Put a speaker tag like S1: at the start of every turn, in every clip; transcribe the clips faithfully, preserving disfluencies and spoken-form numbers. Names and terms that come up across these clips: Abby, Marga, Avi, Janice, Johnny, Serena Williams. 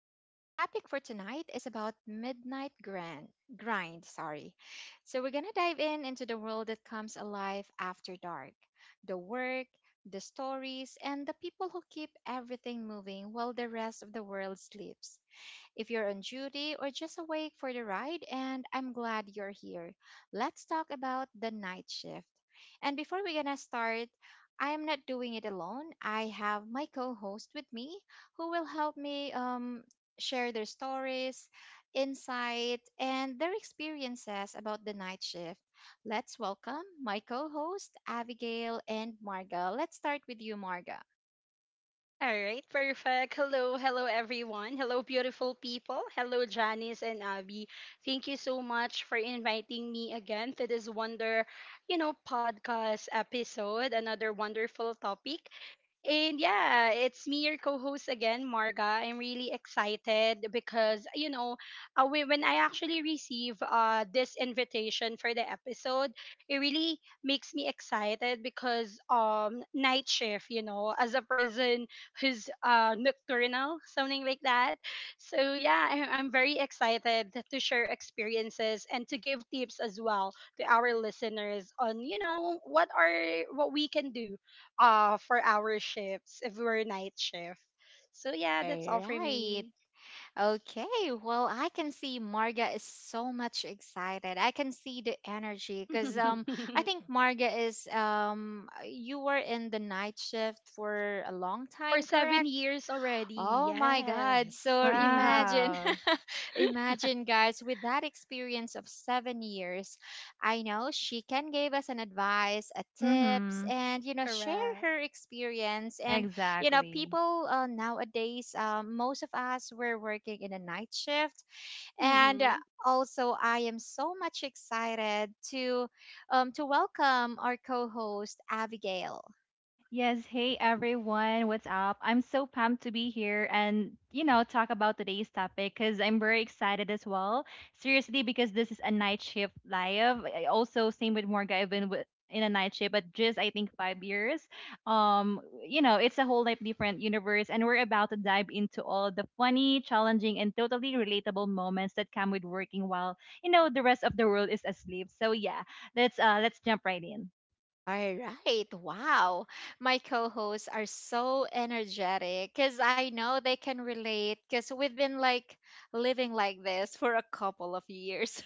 S1: Our topic for tonight is about midnight grind. Grind, sorry. So we're gonna dive in into the world that comes alive after dark, the work, the stories, and the people who keep everything moving while the rest of the world sleeps. If you're on duty or just awake for the ride, and I'm glad you're here. Let's talk about the night shift. And before we're gonna start, I am not doing it alone. I have my co-host with me who will help me um, share their stories, insight, and their experiences about the night shift. Let's welcome my co-host Abigail and Marga. Let's start with you, Marga.
S2: All right, perfect. Hello, hello everyone. Hello, beautiful people. Hello, Janice and Abby. Thank you so much for inviting me again to this wonder, you know, podcast episode. Another wonderful topic. And yeah, it's me, your co-host again, Marga. I'm really excited because you know, uh, whe- when I actually receive uh this invitation for the episode. It really makes me excited because um night shift, you know, as a person who's uh nocturnal, something like that. So yeah, I- I'm very excited to share experiences and to give tips as well to our listeners on you know what are what we can do uh for our shifts if we're night shift. So yeah, that's all
S1: All
S2: for
S1: right.
S2: me.
S1: Okay, well, I can see Marga is so much excited. I can see the energy because um, I think Marga is um, you were in the night shift for a long
S2: For
S1: time,
S2: seven
S1: correct?
S2: years already,
S1: Oh my God.
S2: yes.
S1: So imagine,
S3: Wow.
S1: imagine, guys, with that experience of seven years, I know she can give us an advice, a tips,
S3: Mhm.
S1: and, you know, share
S2: Correct.
S1: her experience. And, you know,
S3: Exactly.
S1: people uh, nowadays, um, most of us, were working in a night shift. And uh,
S2: Mm-hmm.
S1: also, I am so much excited to, um, to welcome our co-host, Abigail.
S3: Yes, hey everyone, what's up? I'm so pumped to be here and, you know, talk about today's topic because I'm very excited as well. Seriously, because this is a night shift live. I- Also, same with Morga, I've been with, in a night shift, but just I think five years. Um, you know, it's a whole like different universe, and we're about to dive into all the funny, challenging, and totally relatable moments that come with working while, you know, the rest of the world is asleep. So yeah, let's uh let's jump right in.
S1: All right. Wow. My co hosts are so energetic because I know they can relate because we've been like living like this for a couple of years.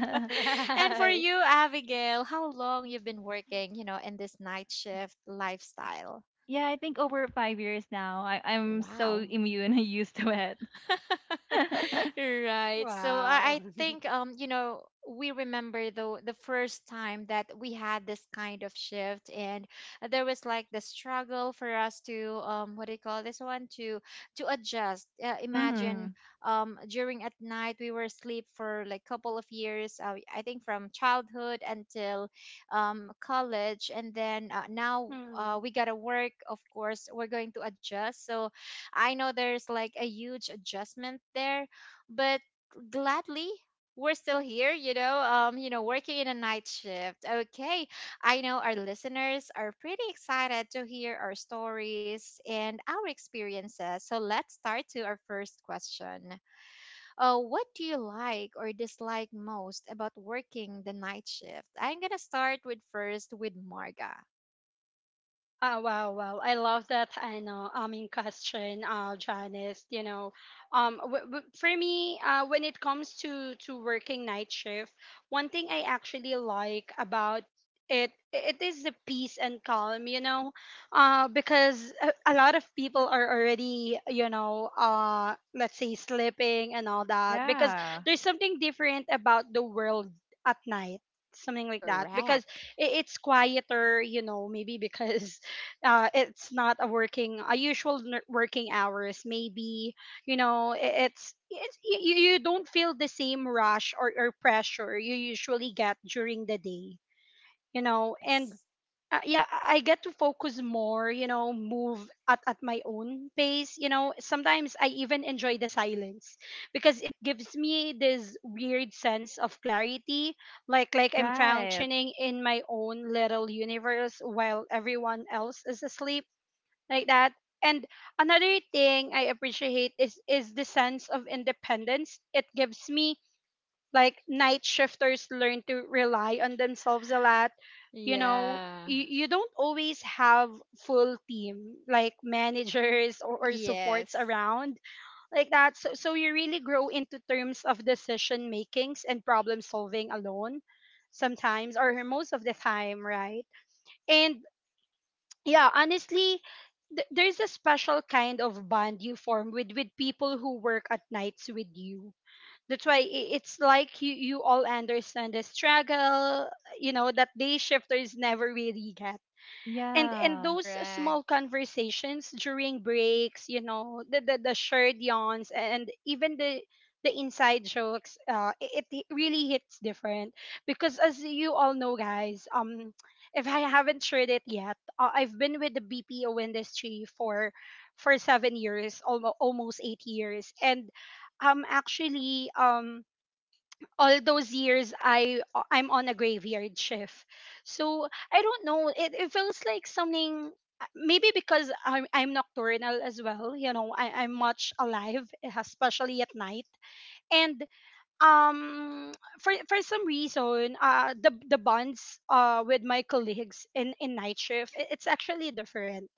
S1: And for
S2: Right.
S1: you, Abigail, how long you've been working, you know, in this night shift lifestyle?
S3: Yeah, I think over five years now, I, I'm so
S1: Wow.
S3: immune and used to it.
S1: Right. So
S2: Wow.
S1: I, I think um you know we remember the the first time that we had this kind of shift, and there was like the struggle for us to um, what do you call this one, to to adjust. Uh, imagine
S3: Hmm.
S1: um, during at night we were asleep for like couple of years. Uh, I think from childhood until um, college, and then uh, now uh,
S2: Mm.
S1: we gotta work. Of course, we're going to adjust. So I know there's like a huge adjustment there, but gladly we're still here, you know, um, you know, working in a night shift. Okay, I know our listeners are pretty excited to hear our stories and our experiences, so let's start to our first question. Uh, what do you like or dislike most about working the night shift? I'm gonna start with first with Marga.
S2: Uh, wow, wow. I love that. I know. I mean, question, uh, Janice, you know, um, w- w- for me, uh, when it comes to to working night shift, one thing I actually like about it it is the peace and calm, you know, uh, because a, a lot of people are already, you know, uh, let's say sleeping and all that. Because
S3: Yeah.
S2: there's something different about the world at night, something like that, because
S1: Correct.
S2: it, it's quieter, you know, maybe because uh, it's not a working a usual n- working hours maybe. you know i- it's, it's you, you you don't feel the same rush or, or pressure you usually get during the day, you know. And
S1: Yes.
S2: uh, yeah, I I get to focus more, you know, move at, at my own pace, you know. Sometimes I even enjoy the silence because it gives me this weird sense of clarity, like like I'm
S3: Right.
S2: functioning in my own little universe while everyone else is asleep, like that. And another thing I appreciate is is the sense of independence it gives me. Like night shifters learn to rely on themselves a lot. You know,
S1: Yeah.
S2: you, you don't always have full team like managers or, or supports
S1: Yes.
S2: around, like that. So so you really grow into terms of decision makings and problem solving alone sometimes or most of the time, right? And yeah, honestly, th- there's a special kind of bond you form with with people who work at nights with you. That's why i- it's like you you all understand the struggle, you know, that day shifters never really get. and and
S3: Yeah.
S2: those
S1: Correct.
S2: small conversations during breaks, you know, the the, the shared yawns and even the the inside jokes, uh, it, it really hits different. Because as you all know, guys, um, if I haven't shared it yet, uh, I've been with the B P O industry for for seven years, almost almost eight years. And um actually um all those years I I'm on a graveyard shift. So I don't know. It, it feels like something, maybe because I'm I'm nocturnal as well. You know, I, I'm much alive, especially at night. And um for for some reason, uh, the the bonds uh with my colleagues in, in night shift, it, it's actually different,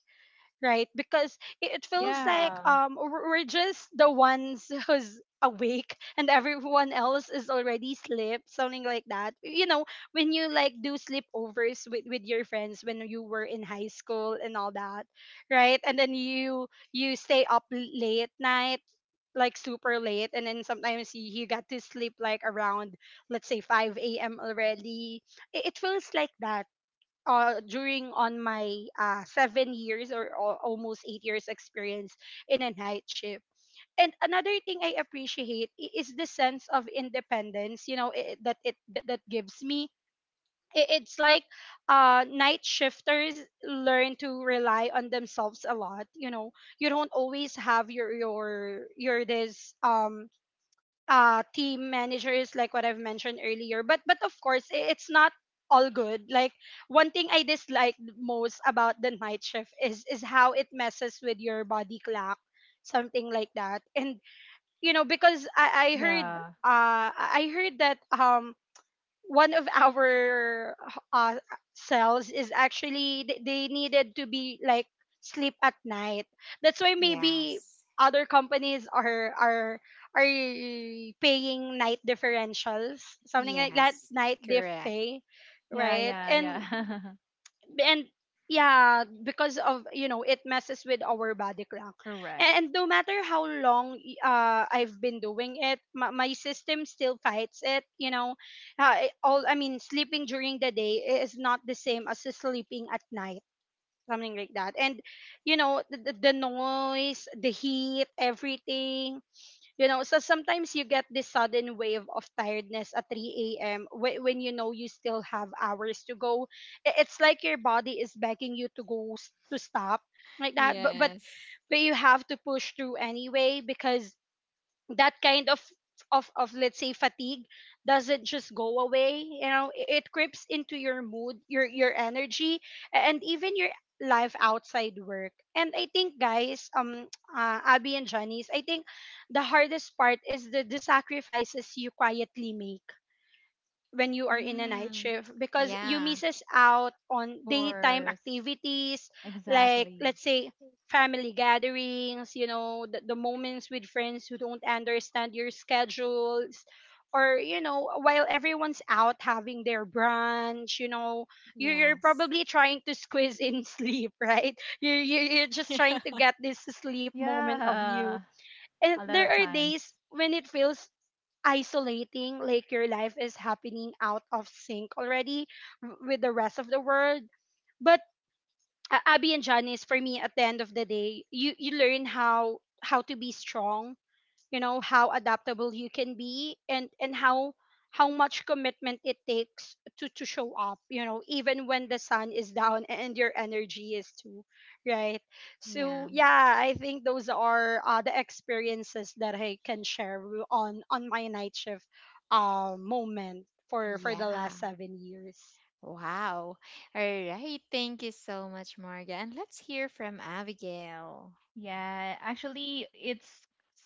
S2: right? Because it, it feels like
S3: Yeah.
S2: um we're we're just the ones who's awake and everyone else is already asleep, something like that, you know, when you like do sleepovers with with your friends when you were in high school and all that, right? And then you you stay up l- late night, like super late, and then sometimes you, you got to sleep like around let's say five a.m already. it, it feels like that, uh, during on my uh, seven years or, al- almost eight years experience in a night shift. And another thing I appreciate i- is the sense of independence, you know, i- that it that that gives me. I- It's like uh, night shifters learn to rely on themselves a lot. You know, you don't always have your your your this um uh team managers like what I've mentioned earlier. But but of course i- it's not all good. Like one thing I dislike most about the night shift is is how it messes with your body clock, something like that. And you know, because I I heard
S3: Yeah.
S2: uh I I heard that um one of our uh, cells is actually th- they needed to be like sleep at night. That's why maybe
S1: Yes.
S2: other companies are are are paying night differentials, something like that,
S1: Yes,
S2: night diff
S1: correct.
S2: pay,
S3: Yeah,
S2: right?
S3: yeah,
S2: And
S3: yeah.
S2: and yeah, because of you know it messes with our body clock,
S3: Correct.
S2: and no matter how long uh I've been doing it, my, my system still fights it, you know. Uh, it- all I mean sleeping during the day is not the same as sleeping at night, something like that. And you know, the, the the noise, the heat, everything, you know. So sometimes you get this sudden wave of tiredness at three a m whe- when you know you still have hours to go. I- It's like your body is begging you to go s- to stop, like that, but but
S1: Yes.
S2: but you have to push through anyway. Because that kind of of of let's say fatigue doesn't just go away, you know. I- it creeps into your mood, your your energy, a- and even your life outside work. And I think, guys, um, uh, Abby and Johnny's, I think the hardest part is the, the sacrifices you quietly make when you are in a night
S1: Mm.
S2: shift, because you
S1: Yeah,
S2: misses out on
S3: Of
S2: daytime
S3: course.
S2: activities, like
S3: Exactly.
S2: let's say family gatherings, you know, the, the moments with friends who don't understand your schedules, or you know, while everyone's out having their brunch, you know, you're, you're
S1: yes.
S2: probably trying to squeeze in sleep, right? You're, you're you're just trying to get this sleep moment of you.
S3: Yeah.
S2: And
S3: A lot
S2: there
S3: of
S2: are
S3: times.
S2: days when it feels isolating, like your life is happening out of sync already w- with the rest of the world. But uh, Abby and Janice, for me, at the end of the day, you you learn how how to be strong, you know, how adaptable you can be, and and how how much commitment it takes to to show up, you know, even when the sun is down and your energy is too, right?
S1: Yeah.
S2: So
S1: Yeah,
S2: yeah, I think those are uh, the experiences that I can share w- on on my night shift uh, moment for for the
S1: yeah.
S2: last seven years.
S1: Wow. All right. Thank you so much, Marga. And let's hear from Abigail.
S3: Yeah, actually, it's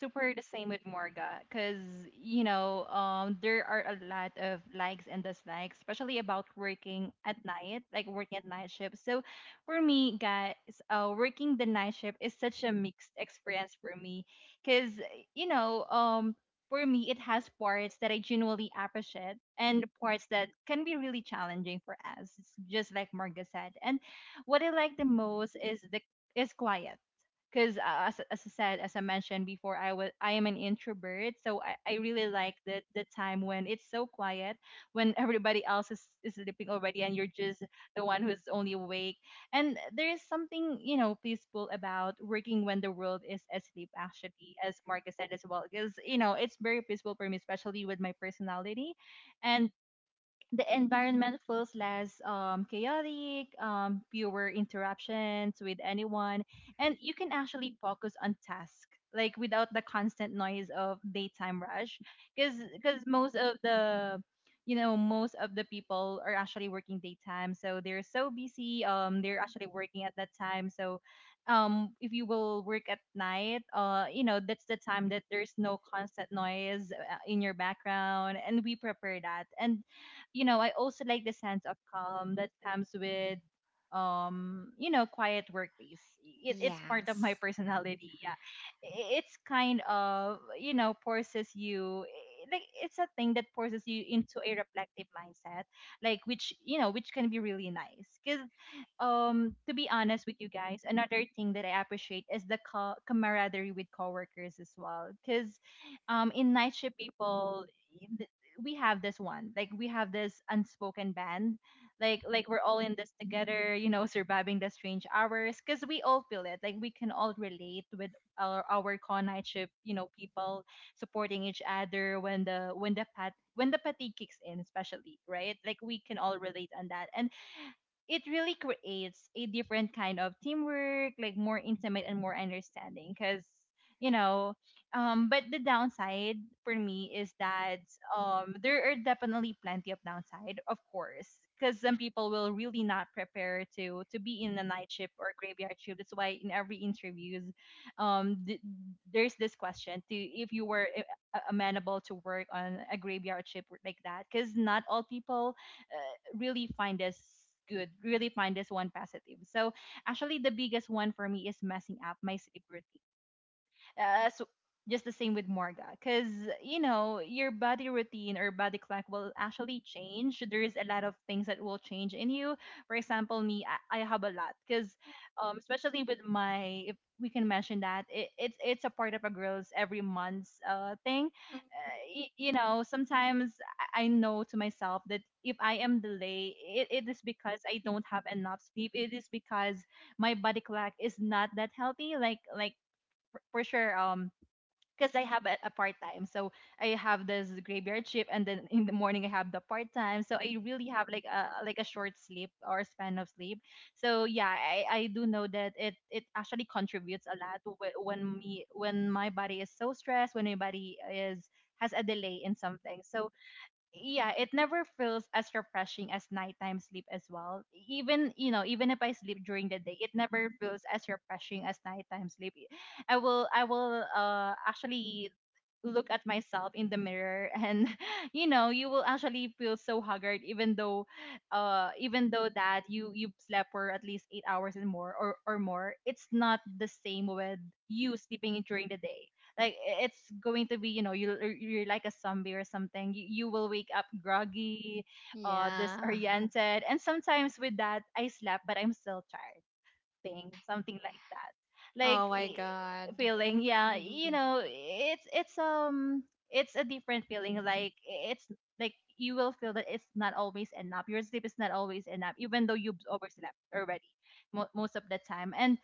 S3: super the same with Morga because, you know, um, there are a lot of likes and dislikes, especially about working at night, like working at night shift. So for me, guys, uh, working the night shift is such a mixed experience for me because, you know, um, for me, it has parts that I genuinely appreciate and parts that can be really challenging for us, just like Morga said. And what I like the most is the is quiet because uh, as, as I said, as I mentioned before, I was I am an introvert, so I, I really like the the time when it's so quiet, when everybody else is, is sleeping already, and you're just the one who's only awake. And there is something you know peaceful about working when the world is asleep, actually, as Marcus said as well, because you know it's very peaceful for me, especially with my personality, and the environment feels less um, chaotic, um, fewer interruptions with anyone, and you can actually focus on task like without the constant noise of daytime rush. Because because most of the you know most of the people are actually working daytime, so they're so busy. Um, they're actually working at that time. So, um, if you will work at night, uh, you know that's the time that there's no constant noise uh, in your background, and we prepare that. And you know, I also like the sense of calm that comes with um you know quiet workplace. It, it's part of my
S1: Yes.
S3: personality. Yeah. I- it's kind of you know forces you eh, like it's a thing that forces you into a reflective mindset, like which you know which can be really nice because um to be honest with you guys, another thing that I appreciate is the co- camaraderie with coworkers as well because um in night shift people, eh, we have this one like we have this unspoken band, like like we're all in this together, you know, surviving the strange hours because we all feel it like we can all relate with our our con night shift you know people, supporting each other when the when the pat when the fatigue kicks in especially, right? Like we can all relate on that. And it really creates a different kind of teamwork, like more intimate and more understanding. Because you know, um, but the downside for me is that um, there are definitely plenty of downside, of course, because some people will really not prepare to to be in a night shift or graveyard shift. That's why in every interviews, um, th- there's this question to if you were a- a- amenable to work on a graveyard shift like that, because not all people uh, really find this good, really find this one positive. So actually, the biggest one for me is messing up my sleep routine. Uh, so just the same with Morga, because you know your body routine or body clock will actually change. There's a lot of things that will change in you. For example, me, I, I have a lot, because um, especially with my, if we can mention that, it, it's it's a part of a girl's every month's uh thing. Uh, y- you know, sometimes I I know to myself that if I am delayed, it, it is because I don't have enough sleep. It is because my body clock is not that healthy. Like like for- for sure. Um because I have a, a part time. So I have this graveyard shift and then in the morning I have the part time. So I really have like a like a short sleep or span of sleep. So yeah, I, I do know that it it actually contributes a lot whe- when me when my body is so stressed, when my body is has a delay in something. So yeah, it never feels as refreshing as nighttime sleep as well. Even you know, even if I sleep during the day, it never feels as refreshing as nighttime sleep. I will I will uh actually look at myself in the mirror, and you know you will actually feel so haggard, even though uh even though that you you slept for at least eight hours and more or or more. It's not the same with you sleeping during the day. Like i- it's going to be, you know, you you're you're like a zombie or something. you, you will wake up groggy, uh
S1: Yeah.
S3: disoriented, and sometimes with that I slept but I'm still tired thing, something like that. Like
S1: Oh my God.
S3: eh, feeling, yeah,
S2: Mm-hmm.
S3: you know, it's it's um it's a different feeling. Like it's like you will feel that it's not always enough. Your sleep is not always enough, even though you've overslept already mo- most of the time. And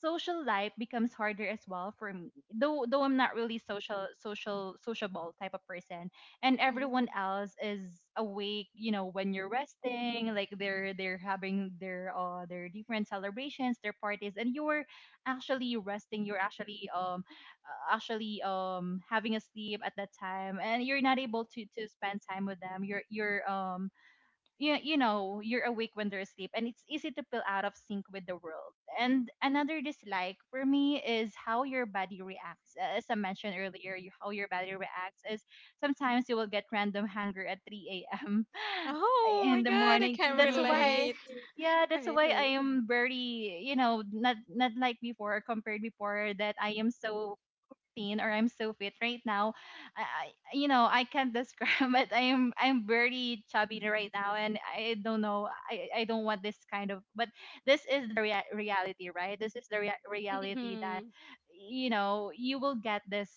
S3: social life becomes harder as well for me. Though though I'm not really social social sociable type of person, and
S2: Mm-hmm.
S3: everyone else is awake, you know, when you're resting, like they're they're having their uh their different celebrations, their parties, and you're actually resting, you're actually um uh, actually um having a sleep at that time, and you're not able to to spend time with them. You're you're um you, you know, you're awake when they're asleep, and it's easy to feel out of sync with the world. And another dislike for me is how your body reacts. As I mentioned earlier, you, how your body reacts is sometimes you will get random hunger at three a.m.
S1: Oh
S3: in
S1: my
S3: the
S1: god, I
S3: morning.
S1: can
S3: That's
S2: Mm-hmm.
S3: why,
S1: relate.
S3: yeah, that's
S2: Right,
S3: why
S2: right.
S3: I am very you know not not like before, compared before that I am so fifteen, or I'm so fit right now. I, I you know, I can't describe it. I am I'm very chubby right now, and I don't know. I, I don't want this kind of, but this is the rea- reality, right? This is the rea- reality
S2: Mm-hmm.
S3: that you know, you will get this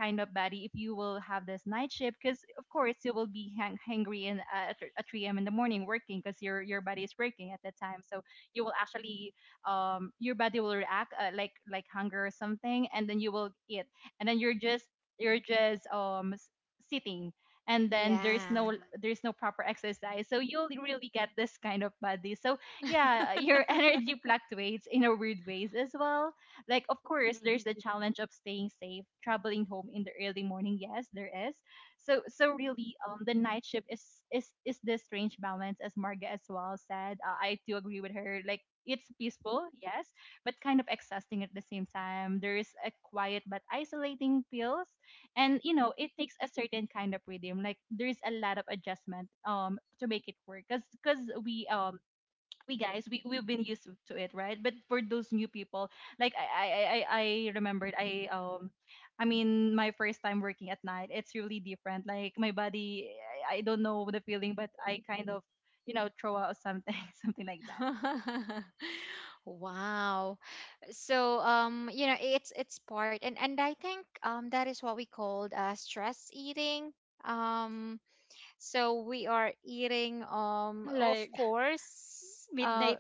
S3: kind of body if you will have this night shift, because of course you will be hang- hangry in uh, at th- at three a.m. in the morning working, because your your body is working at that time. So you will actually um your body will react uh, like like hunger or something, and then you will eat, and then you're just you're just um s- sitting, and then there's no
S1: Yeah.
S3: there's no proper exercise, so you'll really get this kind of body. So yeah, your energy fluctuates in a weird ways as well, like of course
S2: Mm-hmm.
S3: there's the challenge of staying safe traveling home in the early morning. Yes, there is. So so really um the night shift is is is this strange balance, as Marga as well said. uh, I do agree with her, like it's peaceful, yes, but kind of exhausting at the same time. There's a quiet but isolating feels, and you know it takes a certain kind of rhythm. Like there's a lot of adjustment um to make it work, cause cause we um we guys we we've been used to it, right? But for those new people, like I I I, I I remembered I um I mean, my first time working at night, it's really different. Like my body, I I don't know the feeling, but I kind of, you know, throw out something, something like that.
S1: Wow. So um, you know, it's it's part. And and I think um, that is what we called uh, stress eating, um, so we are eating, um, of
S2: Like
S1: course uh,
S2: midnight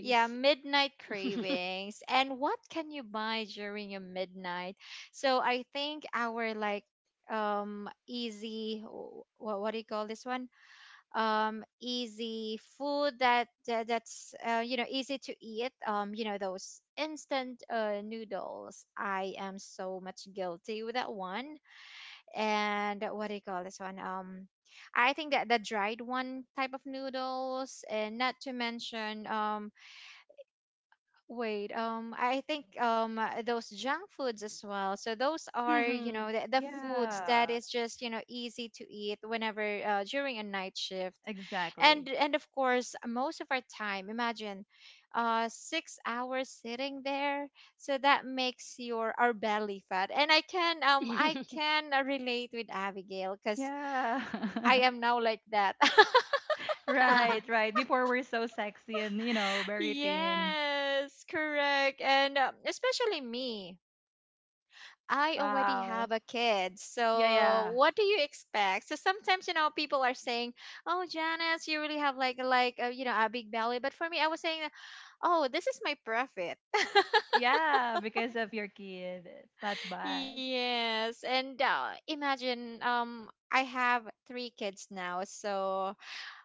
S1: yeah, midnight cravings. And what can you buy during a midnight? So I think our like, um, easy, what what do you call this one, um, easy food that, that that's uh, you know, easy to eat, um, you know, those instant uh, noodles. I am so much guilty with that one. And what do you call this one, um, I think that the dried one type of noodles. And not to mention um, wait, um, I think um, uh, those junk foods as well. So those are, you
S2: Mhm.
S1: know, the, the foods that
S3: Yeah.
S1: is just, you know, easy to eat whenever uh, during a night shift.
S3: Exactly.
S1: And and of course, most of our time, imagine uh, six hours sitting there. So that makes your our belly fat. And I can um, I can uh, relate with Abigail cuz
S3: Yeah.
S1: I am now like that.
S3: Right, right. Before we're so sexy and, you know, very thin.
S1: Yes, correct. And um, especially me. I already
S3: Wow.
S1: have a kid,
S3: Yeah,
S1: so
S3: yeah.
S1: what do you expect? So sometimes, you know, people are saying, "Oh, Janice, you really have like like uh, you know, a big belly," but for me, I was saying, "Oh, this is my profit."
S3: Yeah, because of your kid. It's not bad.
S1: Yes, and uh, imagine um, I have three kids now, so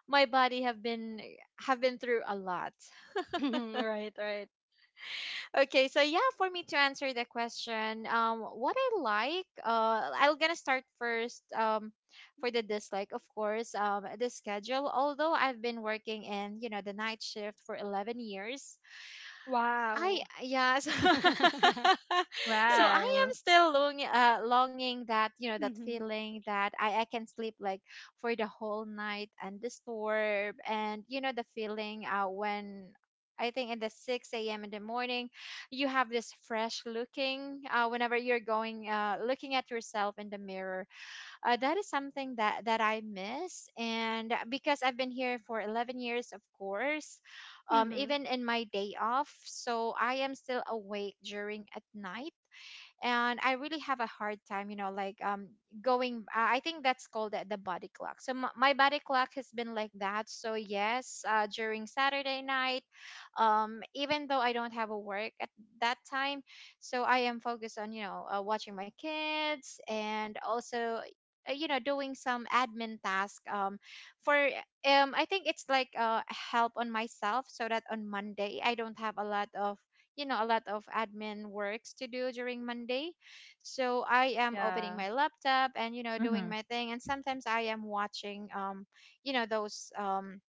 S1: my body have been, have been through a lot.
S2: Right, right.
S1: Okay, so yeah, for me to answer the question, um, what I like, uh, I'm gonna start first, um, for the dislike, of course, um, the schedule. Although I've been working in, you know, the night shift for eleven years, I
S2: Wow.
S1: uh, yes. So I am
S3: Wow.
S1: still longing, uh, longing that you know that
S2: Mhm.
S1: feeling that I I can sleep like for the whole night. And the and you know the feeling uh, when. I think in the six a m in the morning, you have this fresh looking uh, whenever you're going, uh, looking at yourself in the mirror, uh, that is something that that I miss. And uh, because I've been here for eleven years, of course, um,
S2: Mhm.
S1: even in my day off, so I am still awake during at night, and I really have a hard time, you know, like um, going. I I think that's called the, the body clock. So my, my body clock has been like that. So yes, uh, during Saturday night, um, even though I don't have a work at that time, so I am focused on, you know, uh, watching my kids, and also uh, you know, doing some admin task um, for um, I think it's like uh, help on myself so that on Monday I don't have a lot of, you know, a lot of admin works to do during Monday. So I am opening
S3: Yeah.
S1: my laptop and, you know, doing
S3: Mm-hmm.
S1: my thing. And sometimes I am watching, um, you know, those. Um,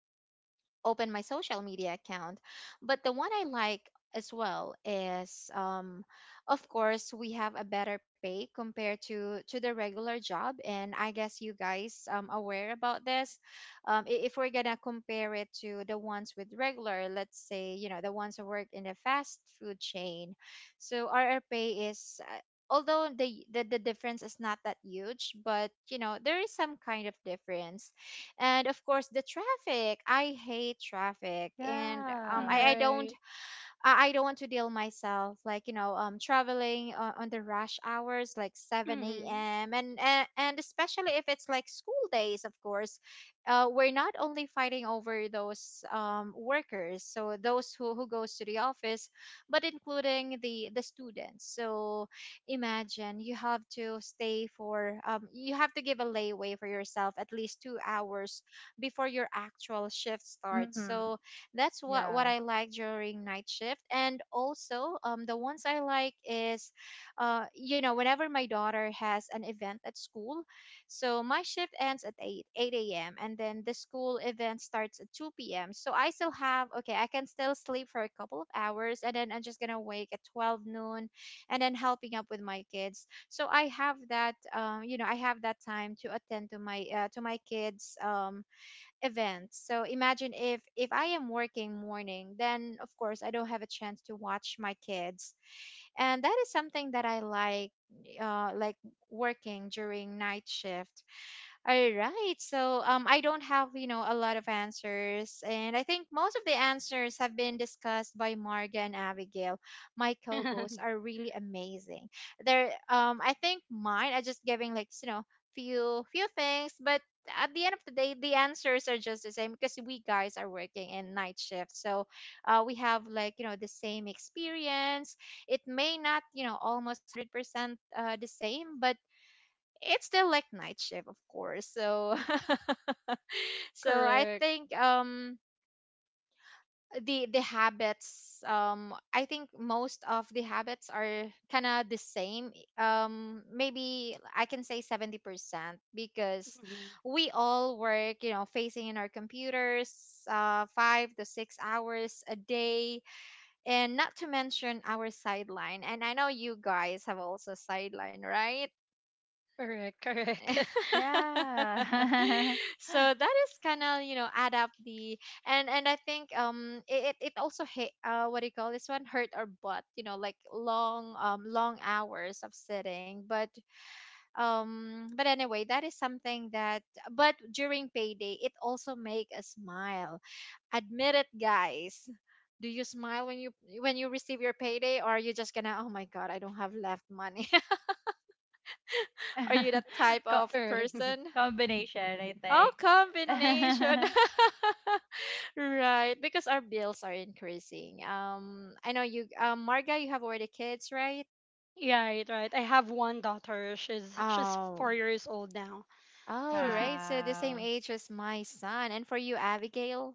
S1: open my social media account. But the one I like as well is um, of course we have a better pay compared to to the regular job. And I guess you guys um, aware about this. Um, I- if we're gonna compare it to the ones with regular, let's say, you know, the ones who work in the fast food chain, so our our pay is uh, although the, the the difference is not that huge, but you know there is some kind of difference. And of course the traffic. I hate traffic. And um, i,
S3: Yeah.
S1: I don't,
S2: Right.
S1: I, I don't want to deal myself like, you know, um, traveling on, on the rush hours like seven
S2: Mhm.
S1: a.m, and, and and especially if it's like school days. Of course uh, we're not only fighting over those um, workers, so those who, who goes to the office, but including the the students. So imagine you have to stay for um, you have to give a layaway for yourself at least two hours before your actual shift starts.
S3: Mm-hmm.
S1: So that's what what
S3: Yeah.
S1: I like during night shift. And also, um, the ones I like is, uh, you know, whenever my daughter has an event at school, so my shift ends at eight, eight a m and then the school event starts at two p m. So I still have, okay, I can still sleep for a couple of hours, and then I'm just going to wake at twelve noon and then helping up with my kids. So I have that, um, you know, I have that time to attend to my, uh, to my kids, um, events. So imagine if if I am working morning, then of course I don't have a chance to watch my kids. And that is something that I like uh, like working during night shift. All right. So um, I don't have, you know, a lot of answers. And I think most of the answers have been discussed by Marga and Abigail. My co-hosts are really amazing. They're um, I think mine are just giving like, you know, few few things, but at the end of the day, the answers are just the same because we guys are working in night shift. So uh, we have like, you know, the same experience. It may not, you know, almost uh, the same, but it's still like night shift, of course. So so I
S2: Correct.
S1: think um, the the habits um, I think most of the habits are kind of the same, um, maybe I can say seventy percent, because
S2: Mhm.
S1: we all work, you know, facing in our computers uh, five to six hours a day. And not to mention our sideline. And I know you guys have also sideline, right?
S2: Correct, correct.
S3: Yeah.
S1: So that is kind of, you know, add up the. And and I think um, it it it also hit uh, what do you call this one, hurt our butt, you know, like long um, long hours of sitting. But um, but anyway, that is something that. But during payday it also make a smile. Admit it, guys, do you smile when you, when you receive your payday, or are you just gonna, oh my god, I don't have left money? Are you that type
S3: Co-
S1: of
S2: Correct. Mhm.
S1: person?
S3: Combination, I
S1: Oh,
S3: think.
S1: combination. Right, because our bills are increasing. Um, I know you, um, Marga, you have already kids, right?
S2: Yeah, right, right. I have one daughter. She's she's
S1: Oh,
S2: four years old now.
S1: all right. So the same
S3: Wow.
S1: age as my son. And for you, Abigail?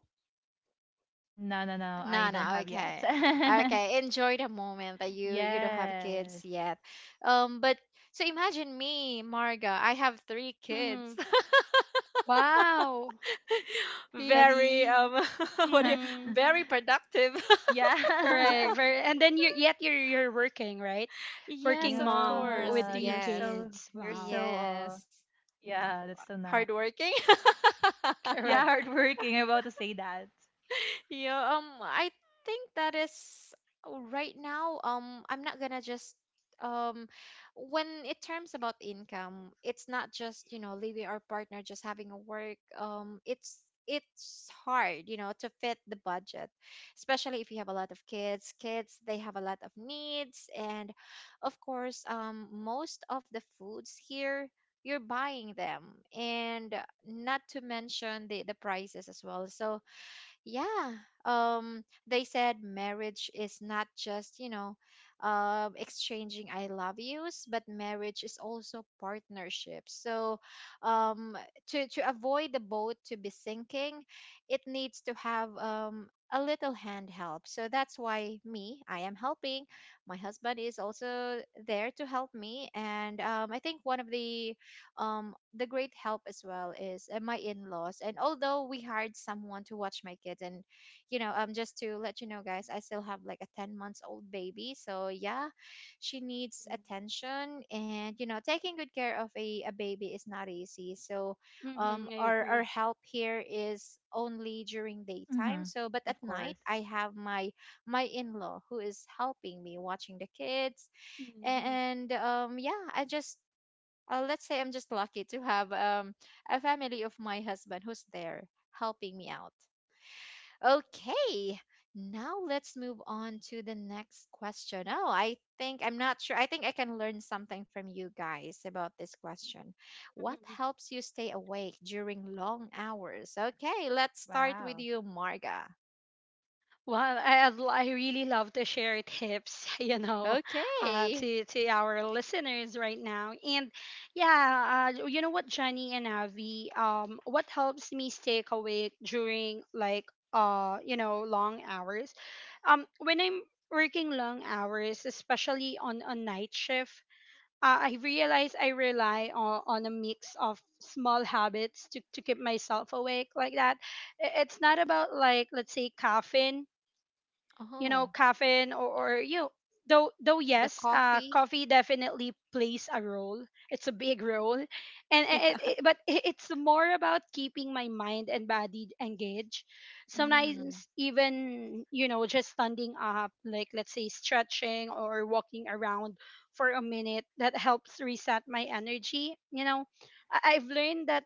S3: No, no, no. I don't
S1: Nana,
S3: have yet.
S1: okay. Okay, enjoy the moment that you you don't have kids
S3: Yes.
S1: yet. Um, but so imagine me, Marga. I have three kids.
S2: Mhm. Wow.
S1: Very
S3: That's
S2: Really?
S1: um what do you,
S2: Mhm.
S1: very productive.
S3: yeah.
S2: Correct. Very, and then you yet you're you're working, right? Working
S1: Yes, of
S2: mom
S1: course.
S2: with
S3: Yeah,
S2: three
S3: you're
S1: Yes.
S3: so
S2: kids.
S3: you're
S2: Wow.
S3: so uh
S1: Yes.
S3: yeah, that's so nice.
S1: Hardworking?
S3: Yeah,
S2: Correct.
S3: hardworking. I'm about to say that.
S1: Yeah, um, I think that is uh, right now. Um, I'm not gonna just um, when it terms about income, it's not just you know leaving our partner just having a work. Um, it's it's hard, you know, to fit the budget, especially if you have a lot of kids. Kids, they have a lot of needs, and of course, um, most of the foods here you're buying them, and not to mention the the prices as well. So yeah. Um, they said marriage is not just, you know, um, exchanging I love yous, but marriage is also partnership. So, um, to to avoid the boat to be sinking, it needs to have um a little hand help. So that's why me, I am helping. My husband is also there to help me, and um, I think one of the um the great help as well is uh, my in-laws. And although we hired someone to watch my kids, and you know um just to let you know, guys, I still have like a ten months old baby, so yeah, she needs attention. And you know taking good care of a, a baby is not easy, so um
S2: Mm-hmm, I
S1: our our
S2: agree.
S1: help here is only during daytime,
S3: Mm-hmm.
S1: so but at
S3: Of
S1: night
S3: course.
S1: I have my my in-law who is helping me watching the kids.
S2: Hmm.
S1: And um yeah, I just uh, let's say I'm just lucky to have um, a family of my husband who's there helping me out. Okay, now let's move on to the next question. Oh, I think I'm not sure. I think I can learn something from you guys about this question. What helps you stay awake during long hours? Okay, let's start with
S3: Wow.
S1: you, Marga.
S2: Well, I, I'd l- I really love to share tips, you know, uh,
S1: Okay.
S2: to to our listeners right now. And yeah, uh, you know what, Johnny and Avi, um, what helps me stay awake during like uh, you know, long hours, um, when I'm working long hours, especially on a night shift. Uh, I realize I rely on, on a mix of small habits to, to keep myself awake, like that. I- It's not about like let's say caffeine you know
S1: Oh,
S2: caffeine or, or you know, though though
S1: the
S2: yes, uh,
S1: coffee.
S2: coffee definitely plays a role. It's a big role. And
S1: Yeah.
S2: i- it, it, but i- it's more about keeping my mind and body engaged.
S1: Mm,
S2: Sometimes even you know just standing up, like let's say stretching or walking around for a minute, that helps reset my energy, you know. I- I've learned that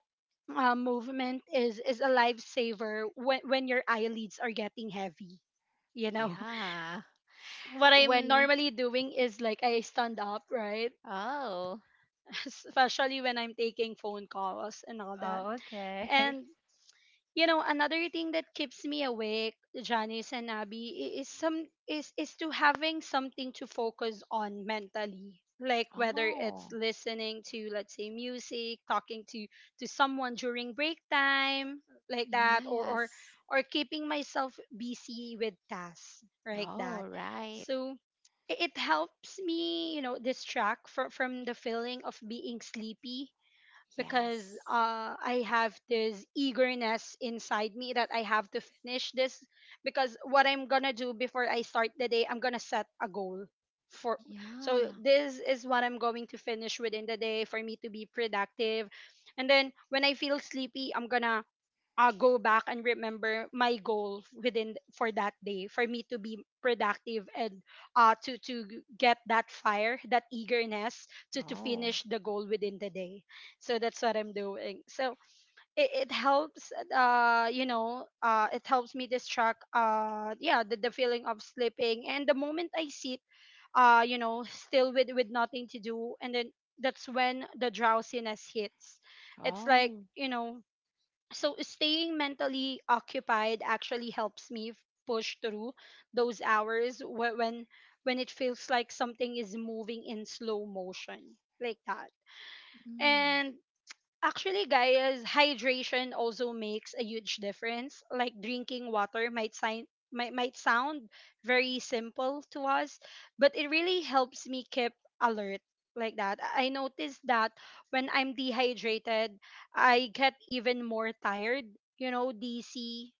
S2: uh, movement is is a lifesaver when when your eyelids are getting heavy, you know.
S1: yeah.
S2: What I'm
S1: When,
S2: normally doing is like I stand up, right?
S1: oh,
S2: Especially when I'm taking phone calls and all that.
S3: Oh, okay.
S2: And you know, another thing that keeps me awake, Janice and Abby, i- is some is is to having something to focus on mentally, like whether it's
S1: oh.
S2: listening to let's say music, talking to to someone during break time, like that, or or
S1: Yes.
S2: or keeping myself busy with tasks, like that.
S1: Oh, right.
S2: So i- it helps me, you know, distract from from the feeling of being sleepy, because
S1: Yes.
S2: uh, I have this eagerness inside me that I have to finish this. Because what I'm gonna do before I start the day, I'm gonna set a goal for. So
S1: Yeah.
S2: this is what I'm going to finish within the day for me to be productive. And then when I feel sleepy, I'm gonna uh, go back and remember my goal within for that day for me to be productive, and uh, to to get that fire, that eagerness to to
S1: Oh.
S2: finish the goal within the day. So that's what I'm doing. So it, it helps uh you know uh it helps me distract, uh yeah, the, the feeling of sleeping. And the moment I sit uh you know still with with nothing to do, and then that's when the drowsiness hits. It's like,
S1: Oh.
S2: you know so staying mentally occupied actually helps me f- push through those hours wh- when when it feels like something is moving in slow motion, like that.
S1: Mm.
S2: And actually, guys, hydration also makes a huge difference. Like, drinking water might sign might, might sound very simple to us, but it really helps me keep alert, like that. I I noticed that when I'm dehydrated, I get even more tired, you know, dizzy,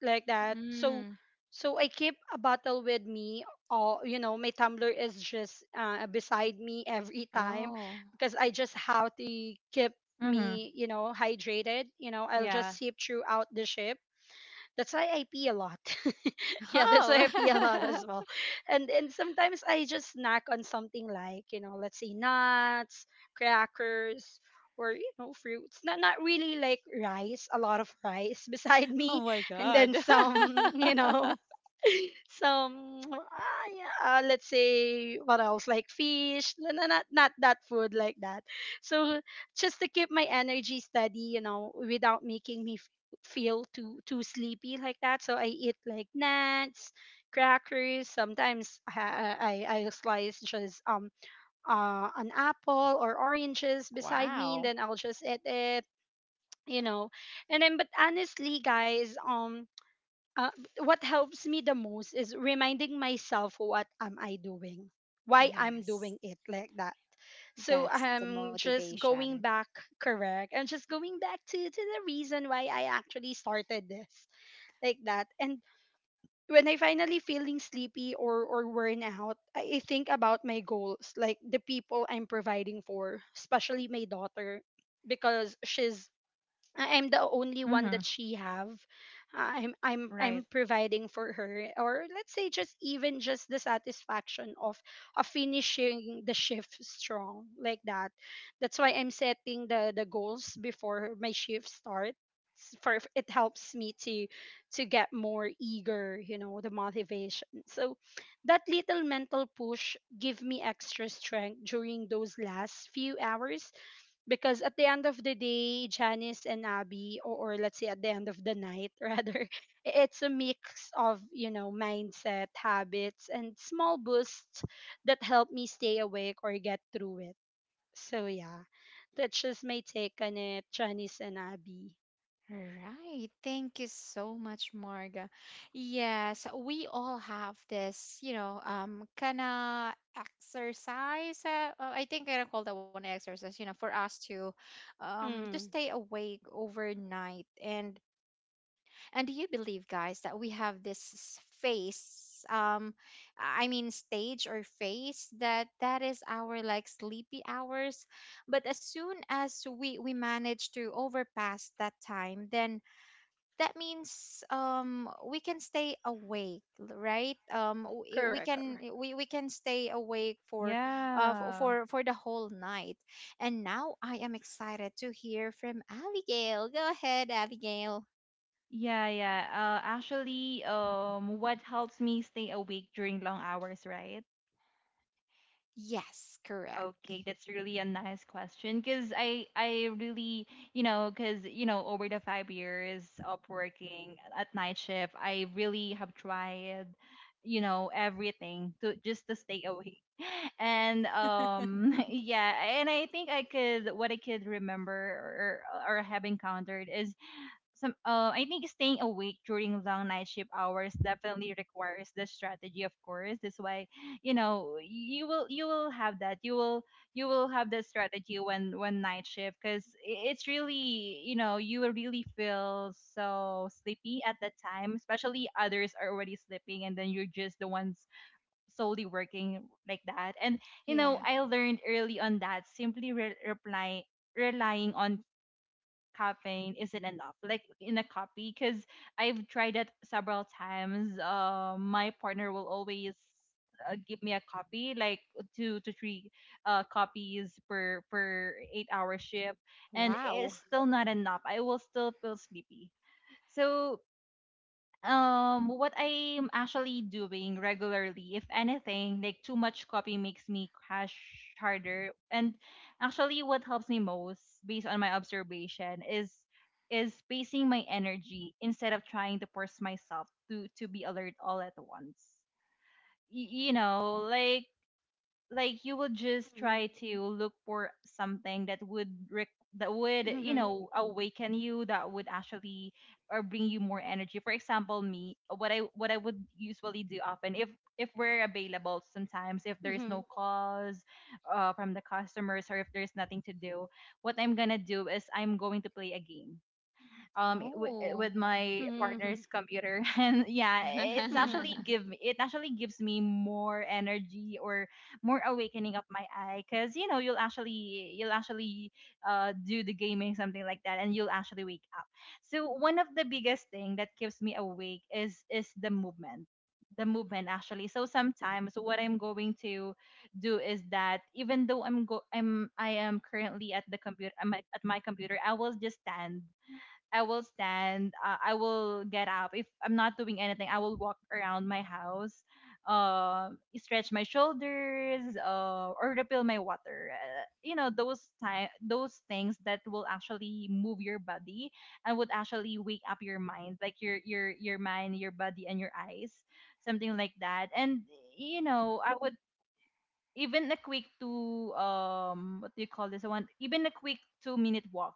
S2: like that. So
S1: Mm.
S2: so I keep a bottle with me, or you know, my tumbler is just uh, beside me every time,
S1: Oh.
S2: because I just have to keep
S3: Mm-hmm.
S2: me, you know, hydrated. You know, I'll just
S3: Yeah.
S2: sip throughout the ship. That's why I pee a lot. Yeah, that's why I pee a lot
S1: Oh.
S2: as well. And and sometimes I just snack on something, like, you know, let's say nuts, crackers, or you know, fruits. Not not really like rice, a lot of rice beside
S1: Oh
S2: me,
S1: my
S2: and
S1: God.
S2: then some, you know, some ah, yeah, uh, let's say what else, like fish. No, no, not not that food, like that. So just to keep my energy steady, you know, without making me f- feel too too sleepy, like that. So I eat like nuts, crackers. Sometimes i i, I slice just um uh, an apple or oranges beside me, and
S1: Wow.
S2: then I'll just eat it, you know. And then, but honestly guys, um uh, what helps me the most is reminding myself what am I doing, why I'm
S1: Yes.
S2: doing it, like that. So
S1: That's the
S2: I'm just going
S1: motivation.
S2: back. Correct. And just going back to, to the reason why I actually started this, like that. And when I finally feeling sleepy or or worn out, i I think about my goals, like the people I'm providing for, especially my daughter. Because she's, I- I'm the only one
S3: Mm-hmm.
S2: that she have. Uh, I'm I'm
S3: Right.
S2: I'm providing for her, or let's say just even just the satisfaction of of finishing the shift strong, like that. That's why I'm setting the the goals before my shift starts, for it helps me to to get more eager, you know, the motivation. So that little mental push give me extra strength during those last few hours, because at the end of the day, Janice and Abby, or, or let's say at the end of the night, rather, i- it's a mix of, you know, mindset, habits, and small boosts that help me stay awake or get through it. So, yeah, that's just my take on it, Janice and Abby.
S1: Right. Thank you so much, Marga. Yes, we all have this, you know, um, kind of exercise. Uh, uh, I think I call that one exercise, you know, for us to, um, to
S2: Mm,
S1: stay awake overnight. And and do you believe, guys, that we have this phase, um, I mean, stage or phase that that is our like sleepy hours. But as soon as we we manage to overpass that time, then that means um we can stay awake, l- right, um we we
S2: correct,
S1: can
S2: correct.
S1: we, we can stay awake for uh f-
S3: Yeah.
S1: for for the whole night. And now I am excited to hear from Abigail. Go ahead, Abigail.
S3: Yeah, yeah. Uh, actually, um, what helps me stay awake during long hours, right?
S1: Yes, correct.
S3: Okay, that's really a nice question because I I really you know because you know over the five years of working at night shift, I really have tried you know everything to just to stay awake and um yeah. And I think I could what I could remember or or have encountered is some uh, I think staying awake during long night shift hours definitely requires the strategy, of course. That's why, you know, you will you will have that. You will you will have the strategy when when night shift because it's really, you know, you will really feel so sleepy at that time, especially others are already sleeping and then you're just the ones solely working like that. And you know,
S1: Yeah.
S3: I learned early on that simply re- reply relying on caffeine isn't enough, like in a coffee, because I've tried it several times. Uh, my partner will always uh, give me a copy like two to three uh, copies per per eight hour shift, and
S1: Wow.
S3: it's still not enough. I will still feel sleepy. So um what I'm actually doing regularly, if anything, like too much copy makes me crash harder. And actually what helps me most based on my observation is is pacing my energy instead of trying to force myself to to be alert all at once. Y- you know, like like you will just
S2: Mm-hmm,
S3: try to look for something that would rec- that would you
S2: mm-hmm,
S3: know awaken you, that would actually or bring you more energy. For example, me, what i what I would usually do often, if if we're available, sometimes if there's
S2: mm-hmm,
S3: no calls uh, from the customers, or if there's nothing to do, what I'm gonna do is I'm going to play a game um w-
S1: Oh.
S3: with my
S2: mm-hmm,
S3: partner's computer and yeah, it's
S2: mm-hmm.
S3: actually give me it actually gives me more energy or more awakening of my eye, because you know you'll actually you'll actually uh do the gaming, something like that, and you'll actually wake up. So one of the biggest thing that keeps me awake is is the movement. The movement actually. So sometimes what I'm going to do is that, even though I'm go I'm I am currently at the computer, I'm at my computer I will just stand. I will stand. Uh, I will get up. If I'm not doing anything, I will walk around my house, uh, stretch my shoulders, uh, or refill my water. Uh, you know those time, those things that will actually move your body and would actually wake up your mind, like your your your mind, your body, and your eyes, something like that. And you know, I would, even a quick two um what do you call this one, even a quick two minute walk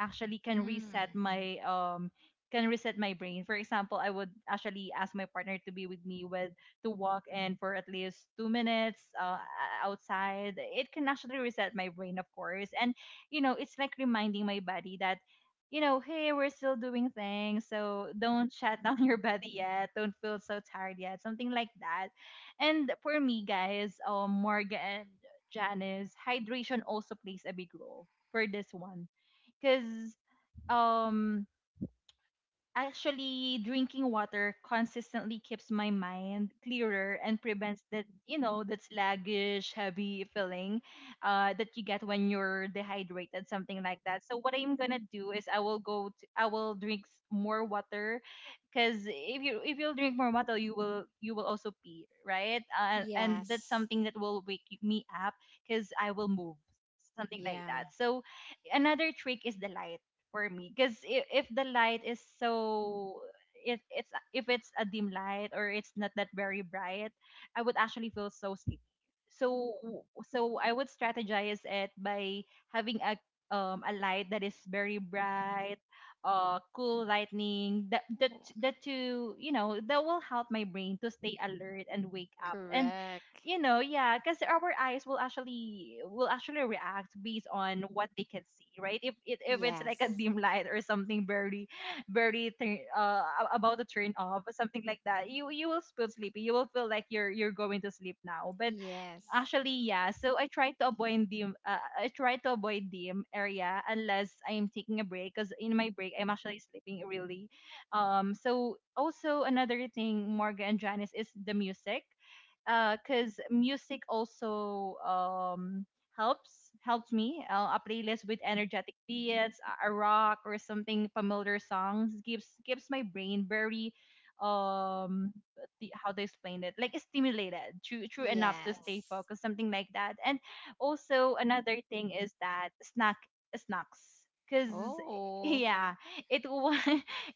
S3: actually can reset
S1: Mm.
S3: my um can reset my brain. For example, I would actually ask my partner to be with me, with to walk, and for at least two minutes uh, outside, it can actually reset my brain, of course. And you know, it's like reminding my body that, you know, hey, we're still doing things, so don't shut down your body yet, don't feel so tired yet, something like that. And for me, guys, um, Morgan and Janice, hydration also plays a big role for this one. Because um, actually drinking water consistently keeps my mind clearer and prevents that, you know, that sluggish heavy feeling uh, that you get when you're dehydrated, something like that. So what I'm gonna do is, i will go to, I will drink s- more water, because if you if you'll drink more water, you will you will also pee, right? Uh, and that's
S1: Yes.
S3: something that will wake me up, because I will move, something like
S1: Yeah.
S3: that. So another trick is the light, for me, because if, if the light is so, if it's if it's a dim light or it's not that very bright, I would actually feel so sleepy. So so I would strategize it by having a um a light that is very bright, uh cool lightning that that
S1: Oh,
S3: that to you know that will help my brain to stay alert and wake up. And
S1: correct.
S3: you know, yeah, because our eyes will actually will actually react based on what they can see, right? If it, if it's like a
S1: Yes.
S3: dim light or something, barely barely turn, uh a- about to turn off or something like that, you you will feel sleepy, you will feel like you're you're going to sleep now. But
S1: Yes.
S3: actually, yeah, so I try to avoid dim, uh, I try to avoid dim area, unless I'm taking a break, because in my break I'm actually sleeping really. Um so also another thing, Morgan and Janice, is the music, because music also, um, helps, helps me, uh, a playlist with energetic beats, a a rock or something familiar songs, gives, gives my brain very um the, how to explain it, like stimulated true true enough to stay
S1: Yes.
S3: focused, something like that. And also another thing is that snack, snacks, because
S1: Oh.
S3: yeah, it was,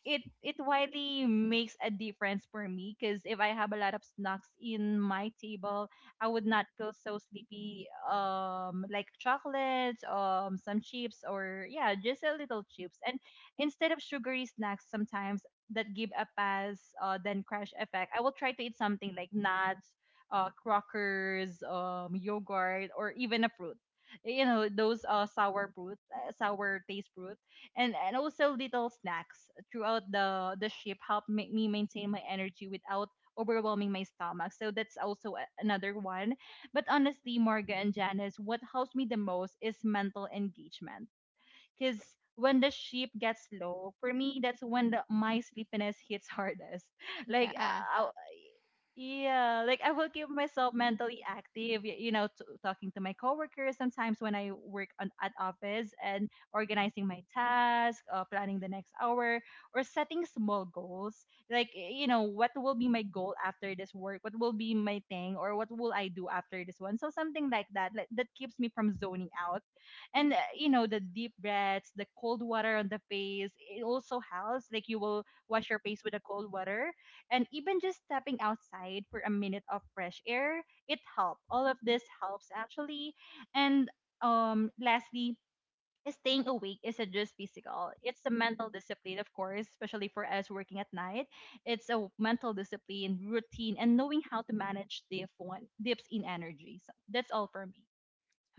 S3: it it widely makes a difference for me, because if I have a lot of snacks in my table, I would not feel so sleepy. Um, like chocolates, um, some chips, or yeah, just a little chips. And instead of sugary snacks, sometimes that give a pass, uh, then crash effect, I will try to eat something like nuts, uh, crackers, um, yogurt, or even a fruit, you know those uh sour fruit, uh, sour taste fruit. and and also little snacks throughout the the ship help make me maintain my energy without overwhelming my stomach, so that's also a- another one. But honestly, Marga and Janice, what helps me the most is mental engagement, because when the ship gets low for me, that's when the, my sleepiness hits hardest like
S1: Yeah.
S3: uh, yeah, like I will keep myself mentally active, y- you know, t- talking to my coworkers sometimes when I work on, at office, and organizing my task, uh, planning the next hour, or setting small goals. Like, y- you know, what will be my goal after this work? What will be my thing? Or what will I do after this one? So something like that, like, that keeps me from zoning out. And, uh, you know, the deep breaths, the cold water on the face, it also helps. Like, you will wash your face with the cold water, and even just stepping outside for a minute of fresh air, it helps. All of this helps, actually. And um, lastly, is, staying awake isn't just physical. It's a mental discipline, of course, especially for us working at night. It's a mental discipline, routine, and knowing how to manage the phone dips in energy. So that's all for me.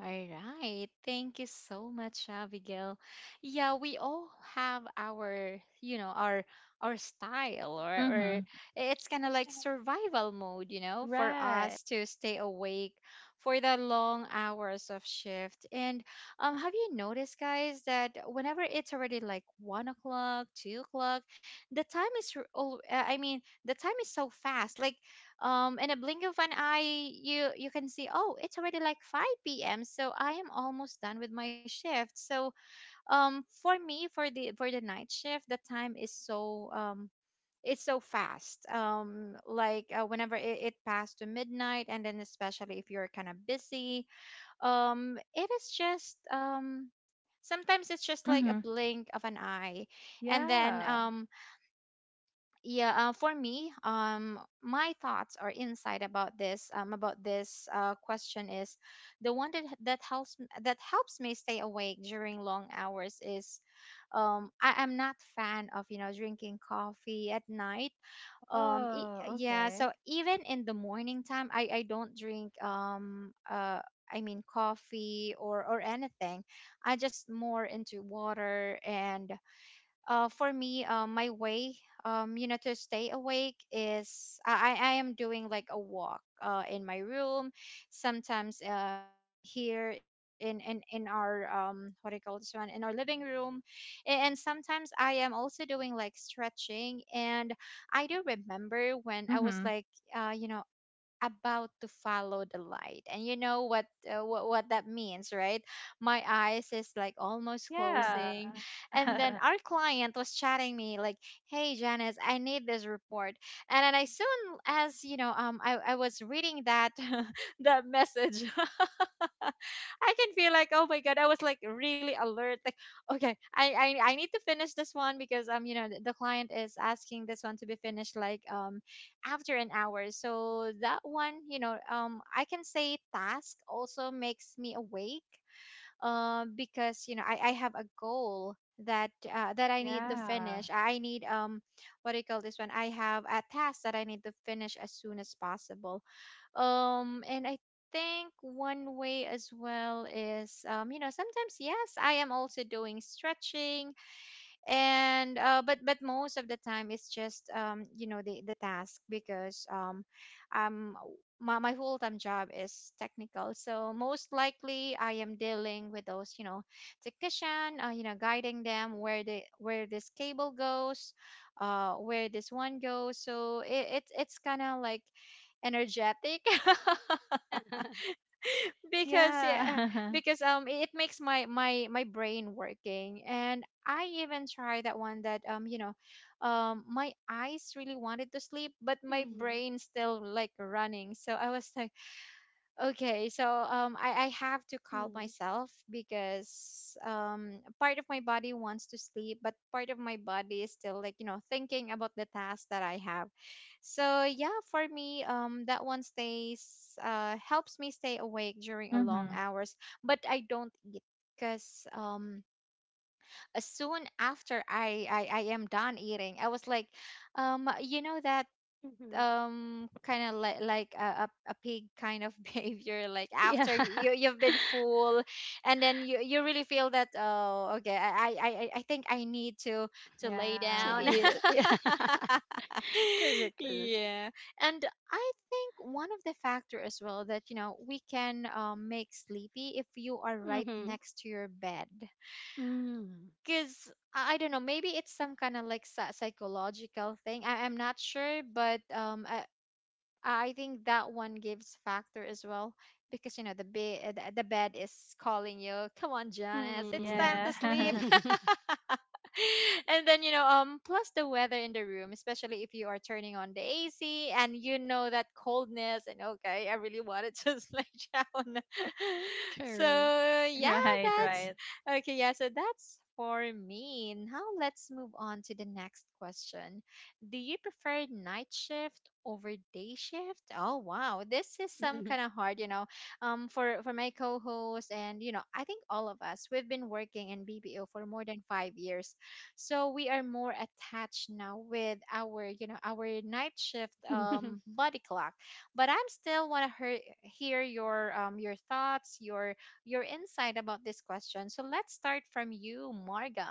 S1: All right. Thank you so much, Abigail. Yeah, we all have our, you know, our our style or or
S3: Mm-hmm.
S1: it's kind of like survival mode, you know, for
S3: Right.
S1: us to stay awake for the long hours of shift. And um, have you noticed, guys, that whenever it's already like one o'clock, two o'clock, the time is, r- al- uh, I mean, the time is so fast. Like, um in a blink of an eye, you you can see, oh, it's already like five p m, so I am almost done with my shift, so um for me, for the for the night shift, the time is so, um it's so fast, um like uh, whenever it, it passed to midnight, and then especially if you're kind of busy, um it is just um sometimes it's just like a
S3: Mm-hmm.
S1: blink of an eye. And then,
S3: Yeah.
S1: um yeah, uh, for me, um my thoughts or insight about this um about this uh, question is, the one that that helps that helps me stay awake during long hours is, um I am not fan of you know drinking coffee at night. Um e-
S3: Oh,
S1: yeah,
S3: okay.
S1: so even in the morning time i i don't drink, um uh I mean, coffee or or anything. I just more into water. And uh, for me, uh, my way, um, you know, to stay awake is, I, I I am doing like a walk uh, in my room. Sometimes um, here in, in, in our, um, what do you call this one, in our living room. A- And sometimes I am also doing like stretching. And I do remember when I was
S3: Mm-hmm.
S1: like, uh, you know, about to follow the light, and you know what uh, what, what that means, right? My eyes is like almost closing,
S3: Yeah.
S1: and then our client was chatting me like, "Hey, Janice, I need this report." And then I soon as, you know um i, I was reading that that message. I can feel like, oh my god, I was like really alert. Like, okay, I I, I need to finish this one, because um, you know, the, the client is asking this one to be finished like um after an hour. So that one, you know, um, I can say task also makes me awake. Um, because you know, I I have a goal that uh, that I need to
S3: Yeah.
S1: finish. I need um What do you call this one? I have a task that I need to finish as soon as possible. Um, and I think one way as well is, um, you know, sometimes, yes, I am also doing stretching, and uh, but but most of the time it's just um you know the the task, because um um my, my full-time job is technical, so most likely I am dealing with those, you know technician, uh, you know guiding them where the where this cable goes, uh where this one goes. So it, it's it's kind of like energetic. Because yeah,
S3: Yeah.
S1: because um it makes my my my brain working. And I even tried that one, that um you know um my eyes really wanted to sleep, but my
S2: Mhm,
S1: brain still like running, so I was like, okay. So um, I, I have to calm
S2: mhm,
S1: myself, because um, part of my body wants to sleep, but part of my body is still like, you know, thinking about the task that I have. So yeah, for me, um, that one stays, uh, helps me stay awake during a long
S3: Mhm.
S1: hours, but I don't eat, because um, as soon after I, I, I am done eating, I was like, um, you know that,
S2: mhm.
S1: um kind of like like a, a, a pig kind of behavior, like
S2: Yeah,
S1: after you you've been full, and then you you really feel that, oh okay, i i i I think i need to to lay
S2: to
S1: down.
S3: Yeah.
S2: eat. Yeah, correct, correct.
S1: Yeah. And I think one of the factor as well, that you know we can um, make sleepy if you are right
S2: Mm-hmm.
S1: next to your bed,
S2: Mm.
S1: because I don't know, maybe it's some kind of like psy- psychological thing. I, I'm not sure, but um, I, I think that one gives factor as well, because you know the bed the, the bed is calling you. Come on, Janice, it's
S2: Mm.
S1: time to sleep.
S3: Yeah.
S1: And then, you know um plus the weather in the room, especially if you are turning on the A C and you know that coldness, and okay, I really want to just lay down. So
S2: Correct.
S1: yeah,
S3: Right,
S1: that's
S3: right.
S1: okay. Yeah, so that's for me. Now let's move on to the next question. Do you prefer night shift over day shift? Oh wow, this is some kind of hard, you know. Um, for for my co-host, and you know, I think all of us we've been working in B P O for more than five years, so we are more attached now with our you know our night shift um body clock. But I'm still want to hear your um your thoughts, your your insight about this question. So let's start from you, Marga.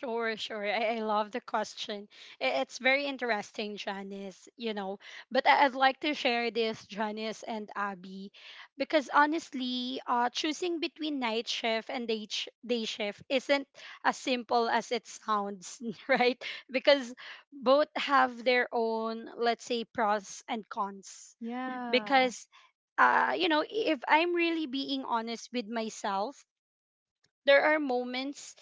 S2: Sure, sure. I, I love the question. I- It's very interesting, Janice, you know. But I- I'd like to share this, Janice and Abby, because honestly, uh, choosing between night shift and day, sh- day shift isn't as simple as it sounds, right? Because both have their own, let's say, pros and cons.
S3: Yeah.
S2: Because uh you know if I'm really being honest with myself, there are moments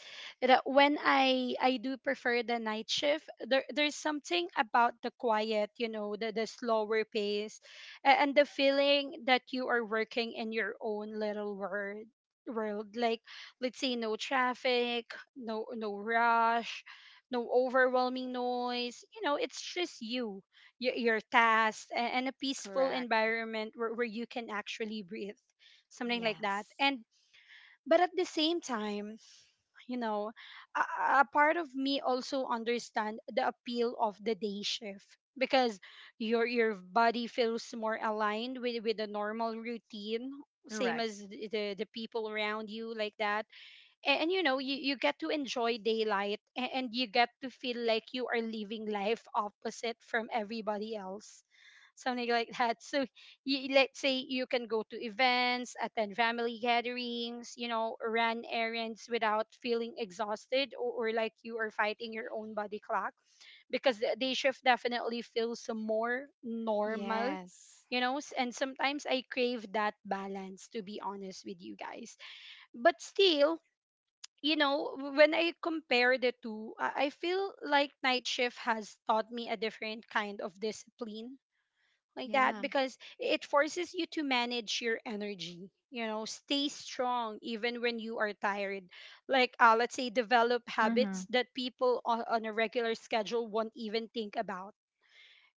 S2: that when I I do prefer the night shift. There there's something about the quiet, you know, the the slower pace, a- and the feeling that you are working in your own little world world, like, let's say, no traffic, no no rush, no overwhelming noise, you know, it's just you, your, your tasks, a- and a peaceful
S1: Correct.
S2: environment where, where you can actually breathe, something like that.
S1: Yes.
S2: And but at the same time, you know, a, a part of me also understand the appeal of the day shift, because your your body feels more aligned with with a normal routine, same
S3: Correct.
S2: as the the people around you, like that. A- and you know, you, you get to enjoy daylight, a- and you get to feel like you are living life opposite from everybody else, something like that. So you, let's say you can go to events, attend family gatherings, you know, run errands without feeling exhausted, or, or like you are fighting your own body clock, because the day shift definitely feels more normal,
S1: Yes.
S2: you know. S- and sometimes I crave that balance, to be honest with you guys. But still, you know, w- when I compare the two, I I feel like night shift has taught me a different kind of discipline, like that,
S1: Yeah,
S2: because it forces you to manage your energy, you know, stay strong even when you are tired. Like, uh, let's say, develop habits
S3: Mhm.
S2: that people on, on a regular schedule won't even think about,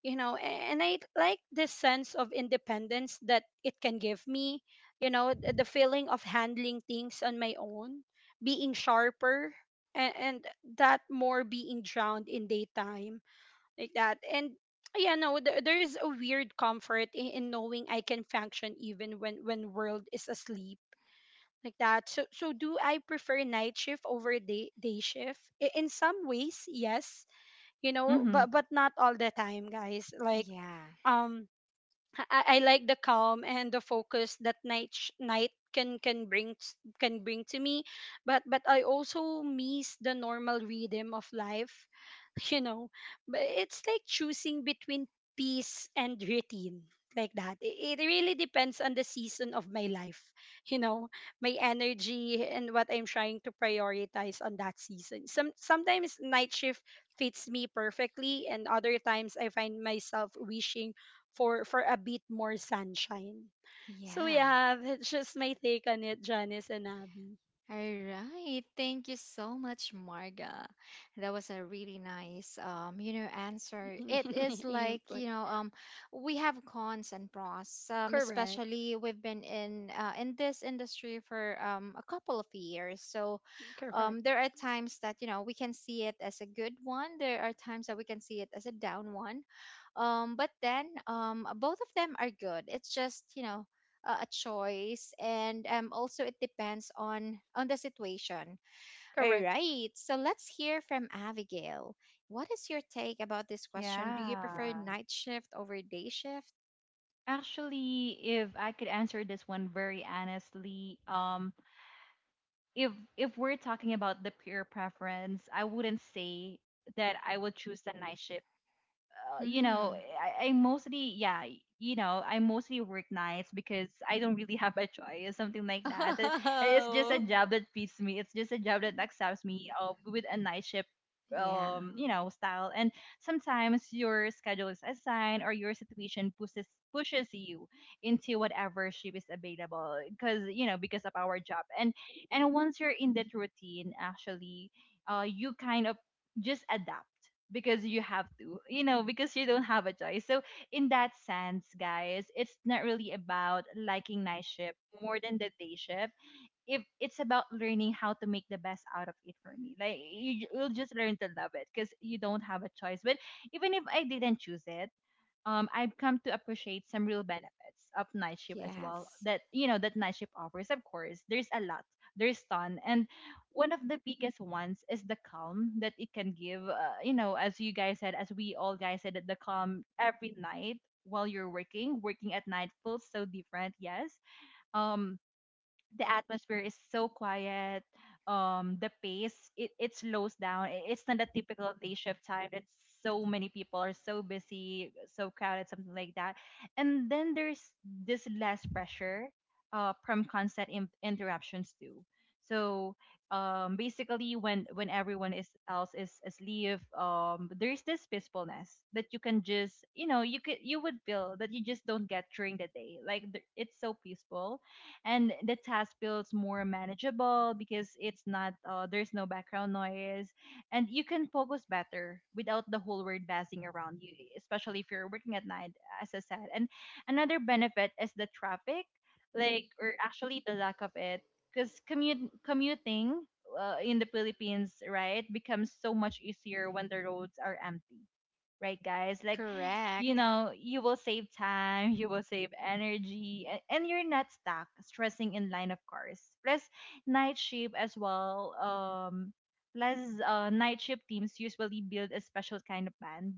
S2: you know, a- and I like this sense of independence that it can give me, you know, th- the feeling of handling things on my own, being sharper, and, and that more being drowned in daytime, like that. And yeah, no, th- there is a weird comfort in, in knowing I can function even when when world is asleep, like that. So so do I prefer night shift over day day shift? I- in some ways yes, you know,
S3: Mhm.
S2: but but not all the time, guys, like,
S1: yeah,
S2: um I, I like the calm and the focus that night sh- night can can bring t- can bring to me, but but I also miss the normal rhythm of life, you know. But it's like choosing between peace and routine, like that. It, it really depends on the season of my life, you know, my energy and what I'm trying to prioritize on that season. Some sometimes night shift fits me perfectly, and other times I find myself wishing for for a bit more sunshine. So
S1: yeah.
S2: yeah, that's just my take on it, Janice and Abby.
S1: All right. Thank you so much, Marga. That was a really nice, um, you know, answer. It is like,
S2: Input.
S1: you know, um, we have cons and pros. Um,
S2: Correct.
S1: especially we've been in uh, in this industry for um a couple of years, so
S2: Correct.
S1: um, there are times that you know we can see it as a good one. There are times that we can see it as a down one. Um, but then um, both of them are good. It's just, you know uh, a choice, and um, also it depends on on the situation. All
S2: Correct.
S1: right, so let's hear from Abigail. What is your take about this question? Do you prefer
S3: Yeah.
S1: night shift over day shift?
S3: Actually, if I could answer this one very honestly, um, if if we're talking about the pure preference, I wouldn't say that I would choose the night shift. Uh, you know,
S1: Hmm.
S3: I, I mostly, yeah, you know, I mostly work nights because I don't really have a choice, something like that. Uh, It's just a
S1: Oh,
S3: job that fits me. It's just a job that accepts me, uh, with a night shift,
S1: yeah.
S3: um, you know, style. And sometimes your schedule is assigned or your situation pushes pushes you into whatever shift is available, because you know, because of our job. And and once you're in that routine, actually, uh, you kind of just adapt because you have to, you know, because you don't have a choice. So in that sense, guys, it's not really about liking night shift more than the day shift. If, it's about learning how to make the best out of it. For me, like, you, you'll just learn to love it because you don't have a choice. But even if I didn't choose it, um, I've come to appreciate some real benefits of night shift as well.
S1: Yes,
S3: That you know that night shift offers. Of course, there's a lot, there's ton, and one of the biggest ones is the calm that it can give. Uh, you know, as you guys said, as we all guys said, that the calm every night while you're working, working at night feels so different. Yes. Um, the atmosphere is so quiet, um the pace, it, it slows down. I- it's not a typical day shift time that so many people are so busy, so crowded, something like that. And then there's this less pressure uh from constant in- interruptions too. So um basically when when everyone is else is asleep, um there's this peacefulness that you can just, you know, you could, you would feel that you just don't get during the day. Like th- it's so peaceful. And the task feels more manageable because it's not, uh, there's no background noise, and you can focus better without the whole world buzzing around you, especially if you're working at night, as I said. And another benefit is the traffic, like, or actually the lack of it, because commute, commuting uh, in the Philippines, right, becomes so much easier when the roads are empty, right, guys? Like, you
S1: correct.
S3: know, you will save time, you will save energy, and, and you're not stuck stressing in line. Of course, plus night shift as well um plus uh, night shift teams usually build a special kind of band.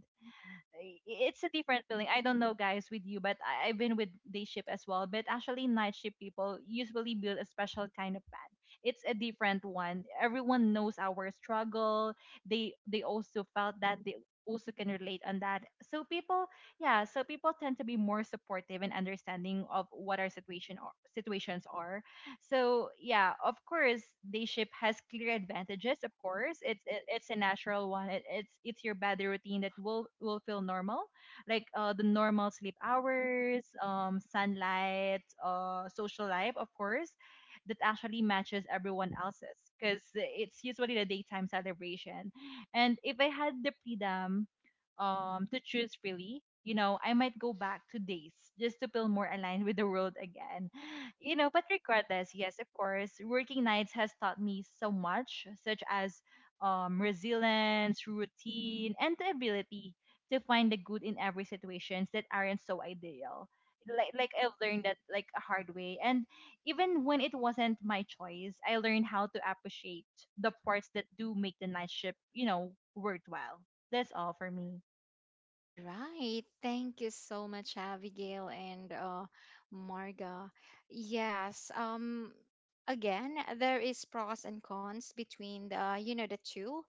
S3: i- it's a different feeling. I don't know, guys, with you, but I, I've been with day shift as well. But actually, night shift people usually build a special kind of bond. It's a different one. Everyone knows our struggle. They they also felt that they also can relate on that. So people, yeah, so people tend to be more supportive and understanding of what our situation are, situations are. So yeah, of course, day shift has clear advantages. Of course, it's it, it's a natural one. It, it's it's your body routine that will will feel normal, like uh, the normal sleep hours, um, sunlight, uh, social life, of course, that actually matches everyone else's because it's usually the daytime celebration. And if I had the freedom um to choose freely, you know, I might go back to days just to feel more aligned with the world again you know, but regardless, yes, of course, working nights has taught me so much, such as um resilience, routine, and the ability to find the good in every situations that aren't so ideal. Like like I've learned that like a hard way. And even when it wasn't my choice, I learned how to appreciate the parts that do make the night shift, you know, worthwhile. That's all for me.
S1: All right. Thank you so much, Abigail, and uh, Marga. Yes. Um. Again, there is pros and cons between the you know the two,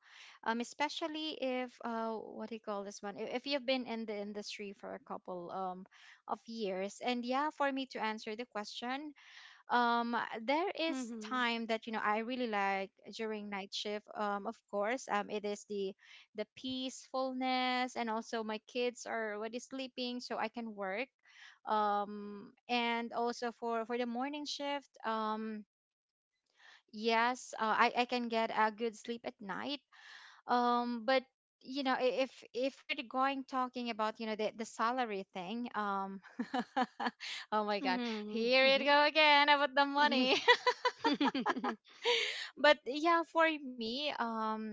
S1: um, especially if uh, what do you call this one? If if you've been in the industry for a couple um of years, and yeah, for me to answer the question, um uh, there is
S2: Mm-hmm.
S1: time that you know I really like during night shift, um of course, um it is the the peacefulness, and also my kids are already sleeping so I can work, um and also for for the morning shift, um yes, uh, i i can get a good sleep at night, um, but you know, i- if if we're going talking about you know the, the salary thing, um, oh my god, here
S2: Mm-hmm.
S1: it go again about the money.
S2: Mm-hmm.
S1: But yeah, for me, um,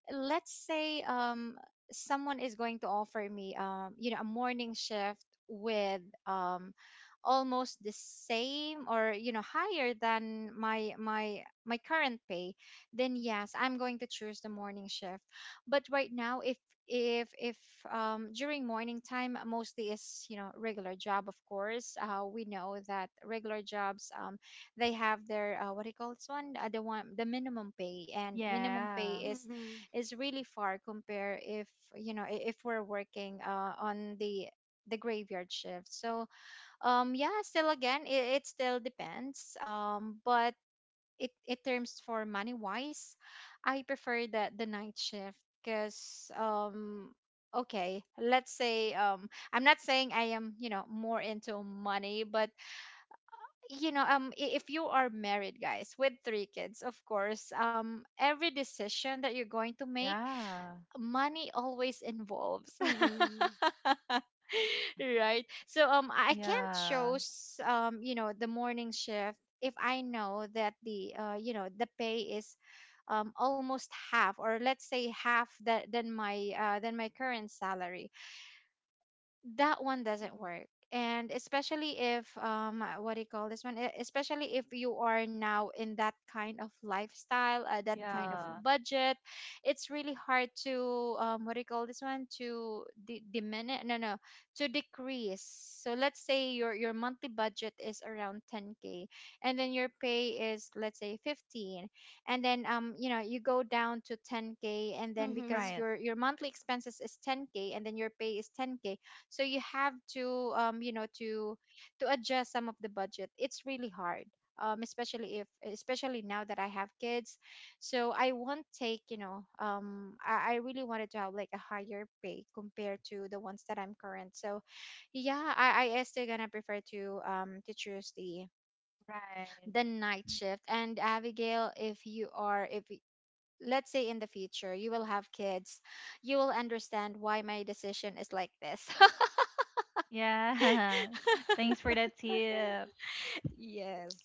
S1: let's say um, someone is going to offer me, um you know, a morning shift with, um, almost the same, or you know, higher than my my my current pay, then yes, I'm going to choose the morning shift. But right now, if if if um, during morning time, mostly is, you know, regular job. Of course, uh, we know that regular jobs, um, they have their, uh, what do you call this one, uh, the one, the minimum pay, and minimum
S3: Yeah.
S1: pay is is really far compare if, you know, i- if we're working, uh, on the the graveyard shift. So um, yeah, still again it, it still depends, um, but it it terms for money wise, I prefer the the night shift, because um, okay, let's say um, I'm not saying I am, you know, more into money, but you know um, i- if you are married guys with three kids, of course um, every decision that you're going to make,
S3: Yeah.
S1: money always involves
S2: Mm-hmm.
S1: right? So um, I can't
S3: Yeah.
S1: choose, um, you know, the morning shift if I know that the, uh, you know, the pay is, um, almost half, or let's say half that, than my, uh than my current salary. That one doesn't work. And especially if um, uh, what do you call this one? E- especially if you are now in that kind of lifestyle, uh, that kind of
S3: Yeah.
S1: budget, it's really hard to um, what do you call this one, to di- diminish no no to decrease. So let's say your your monthly budget is around ten k, and then your pay is let's say fifteen, and then um, you know, you go down to ten k. And then
S2: Mm-hmm.
S1: because
S3: Right.
S1: your your monthly expenses is ten k, and then your pay is ten k, so you have to, um, you know, to to adjust some of the budget, it's really hard. Um, especially if especially now that I have kids, so I won't take, you know, um, i, I really wanted to have like a higher pay compared to the ones that I'm current. So yeah, i i still gonna prefer to um, to choose the
S3: Right.
S1: the night shift. And Abigail, if you are, if y- let's say in the future you will have kids, you will understand why my decision is like this.
S3: Yeah. Thanks for that tip.
S1: Yes.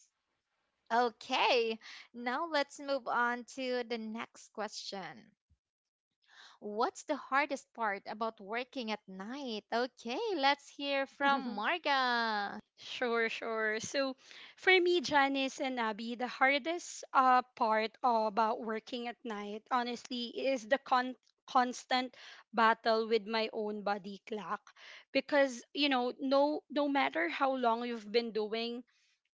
S1: Okay, now let's move on to the next question. What's the hardest part about working at night? Okay, let's hear from
S2: Mm-hmm.
S1: Marga.
S2: Sure, sure. So for me, Janice and Abby, the hardest uh, part about working at night, honestly, is the con- constant battle with my own body clock. Because, you know, no no matter how long you've been doing,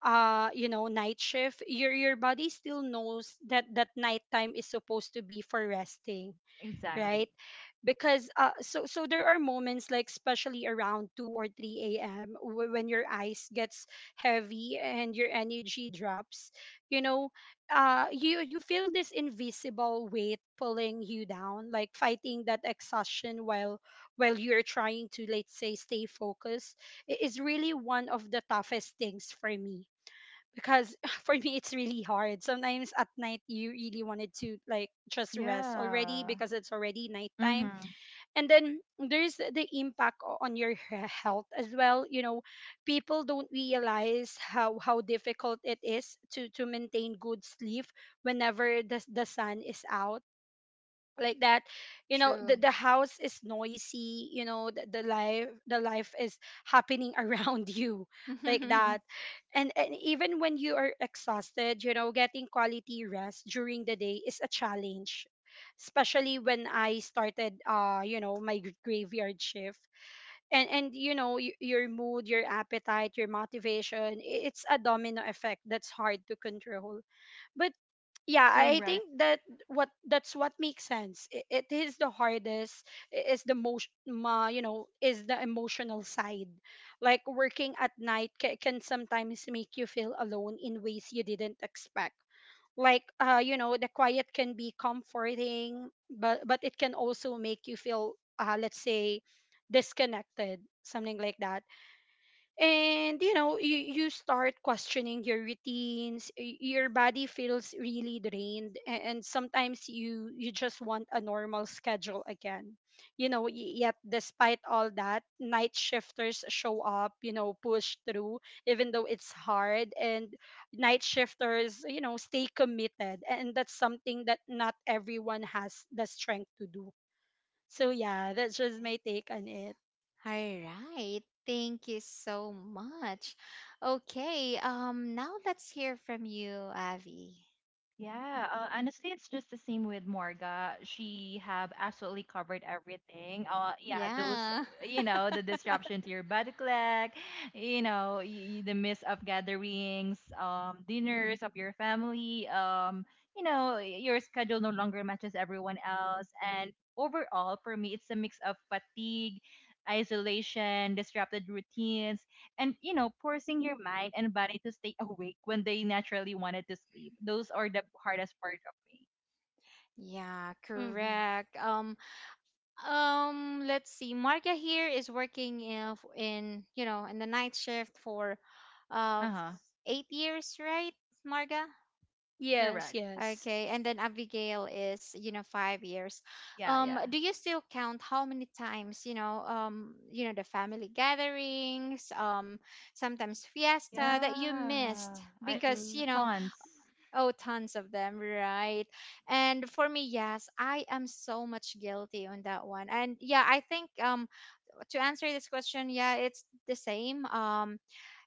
S2: uh, you know, night shift, your your body still knows that that nighttime is supposed to be for resting,
S3: Exactly.
S2: right? Because uh, so so there are moments, like especially around two or three a.m, wh- when your eyes gets heavy and your energy drops, you know. uh you you feel this invisible weight pulling you down, like fighting that exhaustion while while you're trying to, let's say, stay focused, i- is really one of the toughest things for me. Because for me it's really hard sometimes at night, you really wanted to like just rest already
S3: Yeah.
S2: because it's already nighttime.
S3: Mm-hmm.
S2: And then there's the impact o- on your he- health as well, you know. People don't realize how how difficult it is to to maintain good sleep whenever the, the sun is out, like that. You know, the,
S1: True.
S2: the house is noisy, you know, the, the life the life is happening around you, like
S1: All
S2: that. And, and even when you are exhausted, you know, getting quality rest during the day is a challenge, especially when I started uh you know my gr- graveyard shift. And and you know, y- your mood, your appetite, your motivation, i- it's a domino effect that's hard to control. But yeah, I think
S3: Correct.
S2: that what that's what makes sense. I- it is the hardest. I- is the most ma, you know, is the emotional side. Like working at night ca- can sometimes make you feel alone in ways you didn't expect. Like, uh you know, the quiet can be comforting, but but it can also make you feel, uh let's say, disconnected, something like that. And you know, you, you start questioning your routines. Y- your body feels really drained, a- and sometimes you you just want a normal schedule again, you know. Y- yet despite all that, night shifters show up, you know, push through even though it's hard, and night shifters, you know, stay committed, and that's something that not everyone has the strength to do. So yeah, that's just my take on it.
S1: right. Thank you so much. Okay, um, now let's hear from you, Avi.
S3: Yeah, uh, honestly, it's just the same with Morga. She have absolutely covered everything. Uh, yeah, those,
S1: Yeah.
S3: you know, the disruption to your body clock, you know, y- the miss of gatherings, um, dinners of your family, um, you know, your schedule no longer matches everyone else. And overall, for me, it's a mix of fatigue, isolation, disrupted routines, and you know, forcing your mind and body to stay awake when they naturally wanted to sleep. Those are the hardest part of me.
S1: Yeah,
S2: Hmm.
S1: correct. Um. Um, let's see. Marga here is working in, f- in you know in the night shift for uh
S3: Uh-huh.
S1: eight years, right, Marga?
S2: Yes,
S3: Correct.
S2: yes.
S1: Okay, and then Abigail is, you know, five years.
S3: Yeah.
S1: Um,
S3: Yeah.
S1: do you still count how many times, you know um, you know, the family gatherings, um, sometimes
S3: Mhm.
S1: fiesta that you
S3: Yeah.
S1: missed
S3: I,
S1: because
S2: Mm-hmm.
S1: you know?
S3: tons.
S1: Oh, tons of them, right? And for me, yes, I am so much guilty on that one. And yeah, I think um, to answer this question, yeah, it's the same. Um,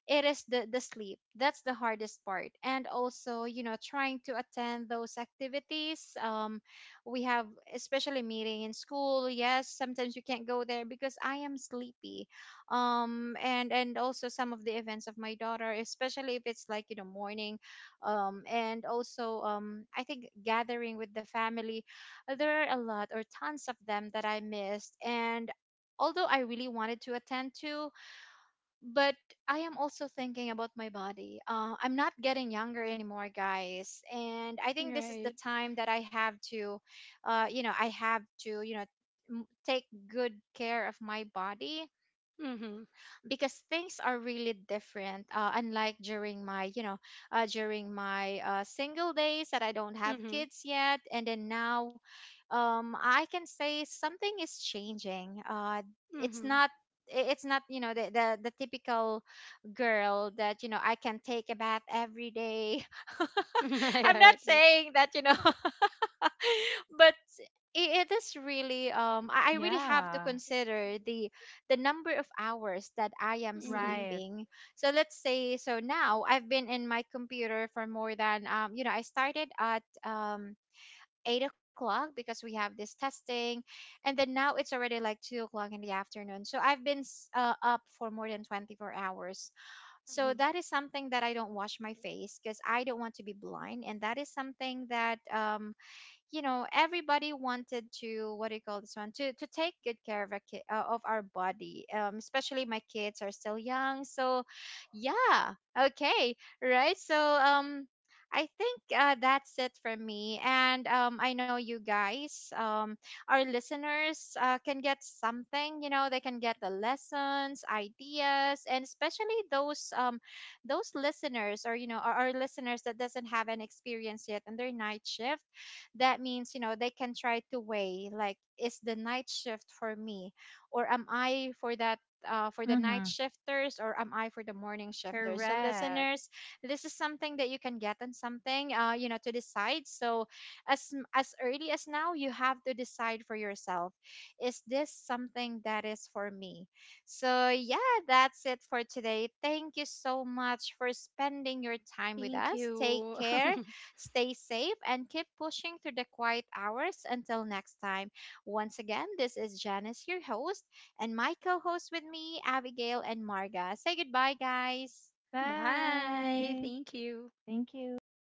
S1: it is the the sleep that's the hardest part, and also you know trying to attend those activities um, we have, especially meeting in school. Yes, sometimes you can't go there because I am sleepy, um, and and also some of the events of my daughter, especially if it's like, you know, morning, um, and also um, I think gathering with the family, uh, there are a lot or tons of them that I missed, and although I really wanted to attend to. But I am also thinking about my body. Uh, I'm not getting younger anymore, guys, and I think this is
S2: Right.
S1: the time that I have to, uh, you know, I have to, you know, m- take good care of my body,
S2: Mm-hmm.
S1: because things are really different, uh, unlike during my, you know, uh, during my, uh, single days that I don't have
S2: Mm-hmm.
S1: kids yet. And then now, um, I can say something is changing, uh, it's
S2: Mm-hmm.
S1: not, i- it's not, you know, the, the the typical girl that, you know, I can take a bath every day.
S2: I
S1: I'm
S2: heard
S1: not
S2: it.
S1: saying that, you know. But i- it is really um, I I really have to
S3: Yeah.
S1: consider the the number of hours that I am
S2: Mm-hmm.
S3: Right.
S1: sleeping. So let's say, so now I've been in my computer for more than um, you know, I started at um, eight o'clock, because we have this testing. And then now it's already like two o'clock in the afternoon, so I've been s- uh, up for more than twenty-four hours.
S2: Mm-hmm.
S1: So that is something that, I don't wash my face because I don't want to be blind. And that is something that um, you know, everybody wanted to, what do you call this one, to to take good care of a ki- uh, of our body, um, especially my kids are still young. So yeah, okay, right. So um, I think uh, that's it for me. And um, I know you guys, um, our listeners, uh, can get something. You know, they can get the lessons, ideas, and especially those um, those listeners, or you know, our, our listeners that doesn't have an experience yet and their night shift, that means you know they can try to weigh like, is the night shift for me, or am I for that, uh, for the night
S3: Mm-hmm.
S1: shifters, or am I for the morning shifters? So
S3: Correct.
S1: listeners, this is something that you can get, and something, uh, you know, to decide. So as m- as early as now, you have to decide for yourself, is this something that is for me? So yeah, that's it for today. Thank you so much for spending your time with
S2: Thank
S1: us. Take
S2: you.
S1: care. Stay safe and keep pushing through the quiet hours until next time. Once again, this is Janice, your host, and my co host with me, Abigail and Marga. Say goodbye, guys.
S2: Bye.
S3: Bye.
S2: Thank you.
S3: Thank you.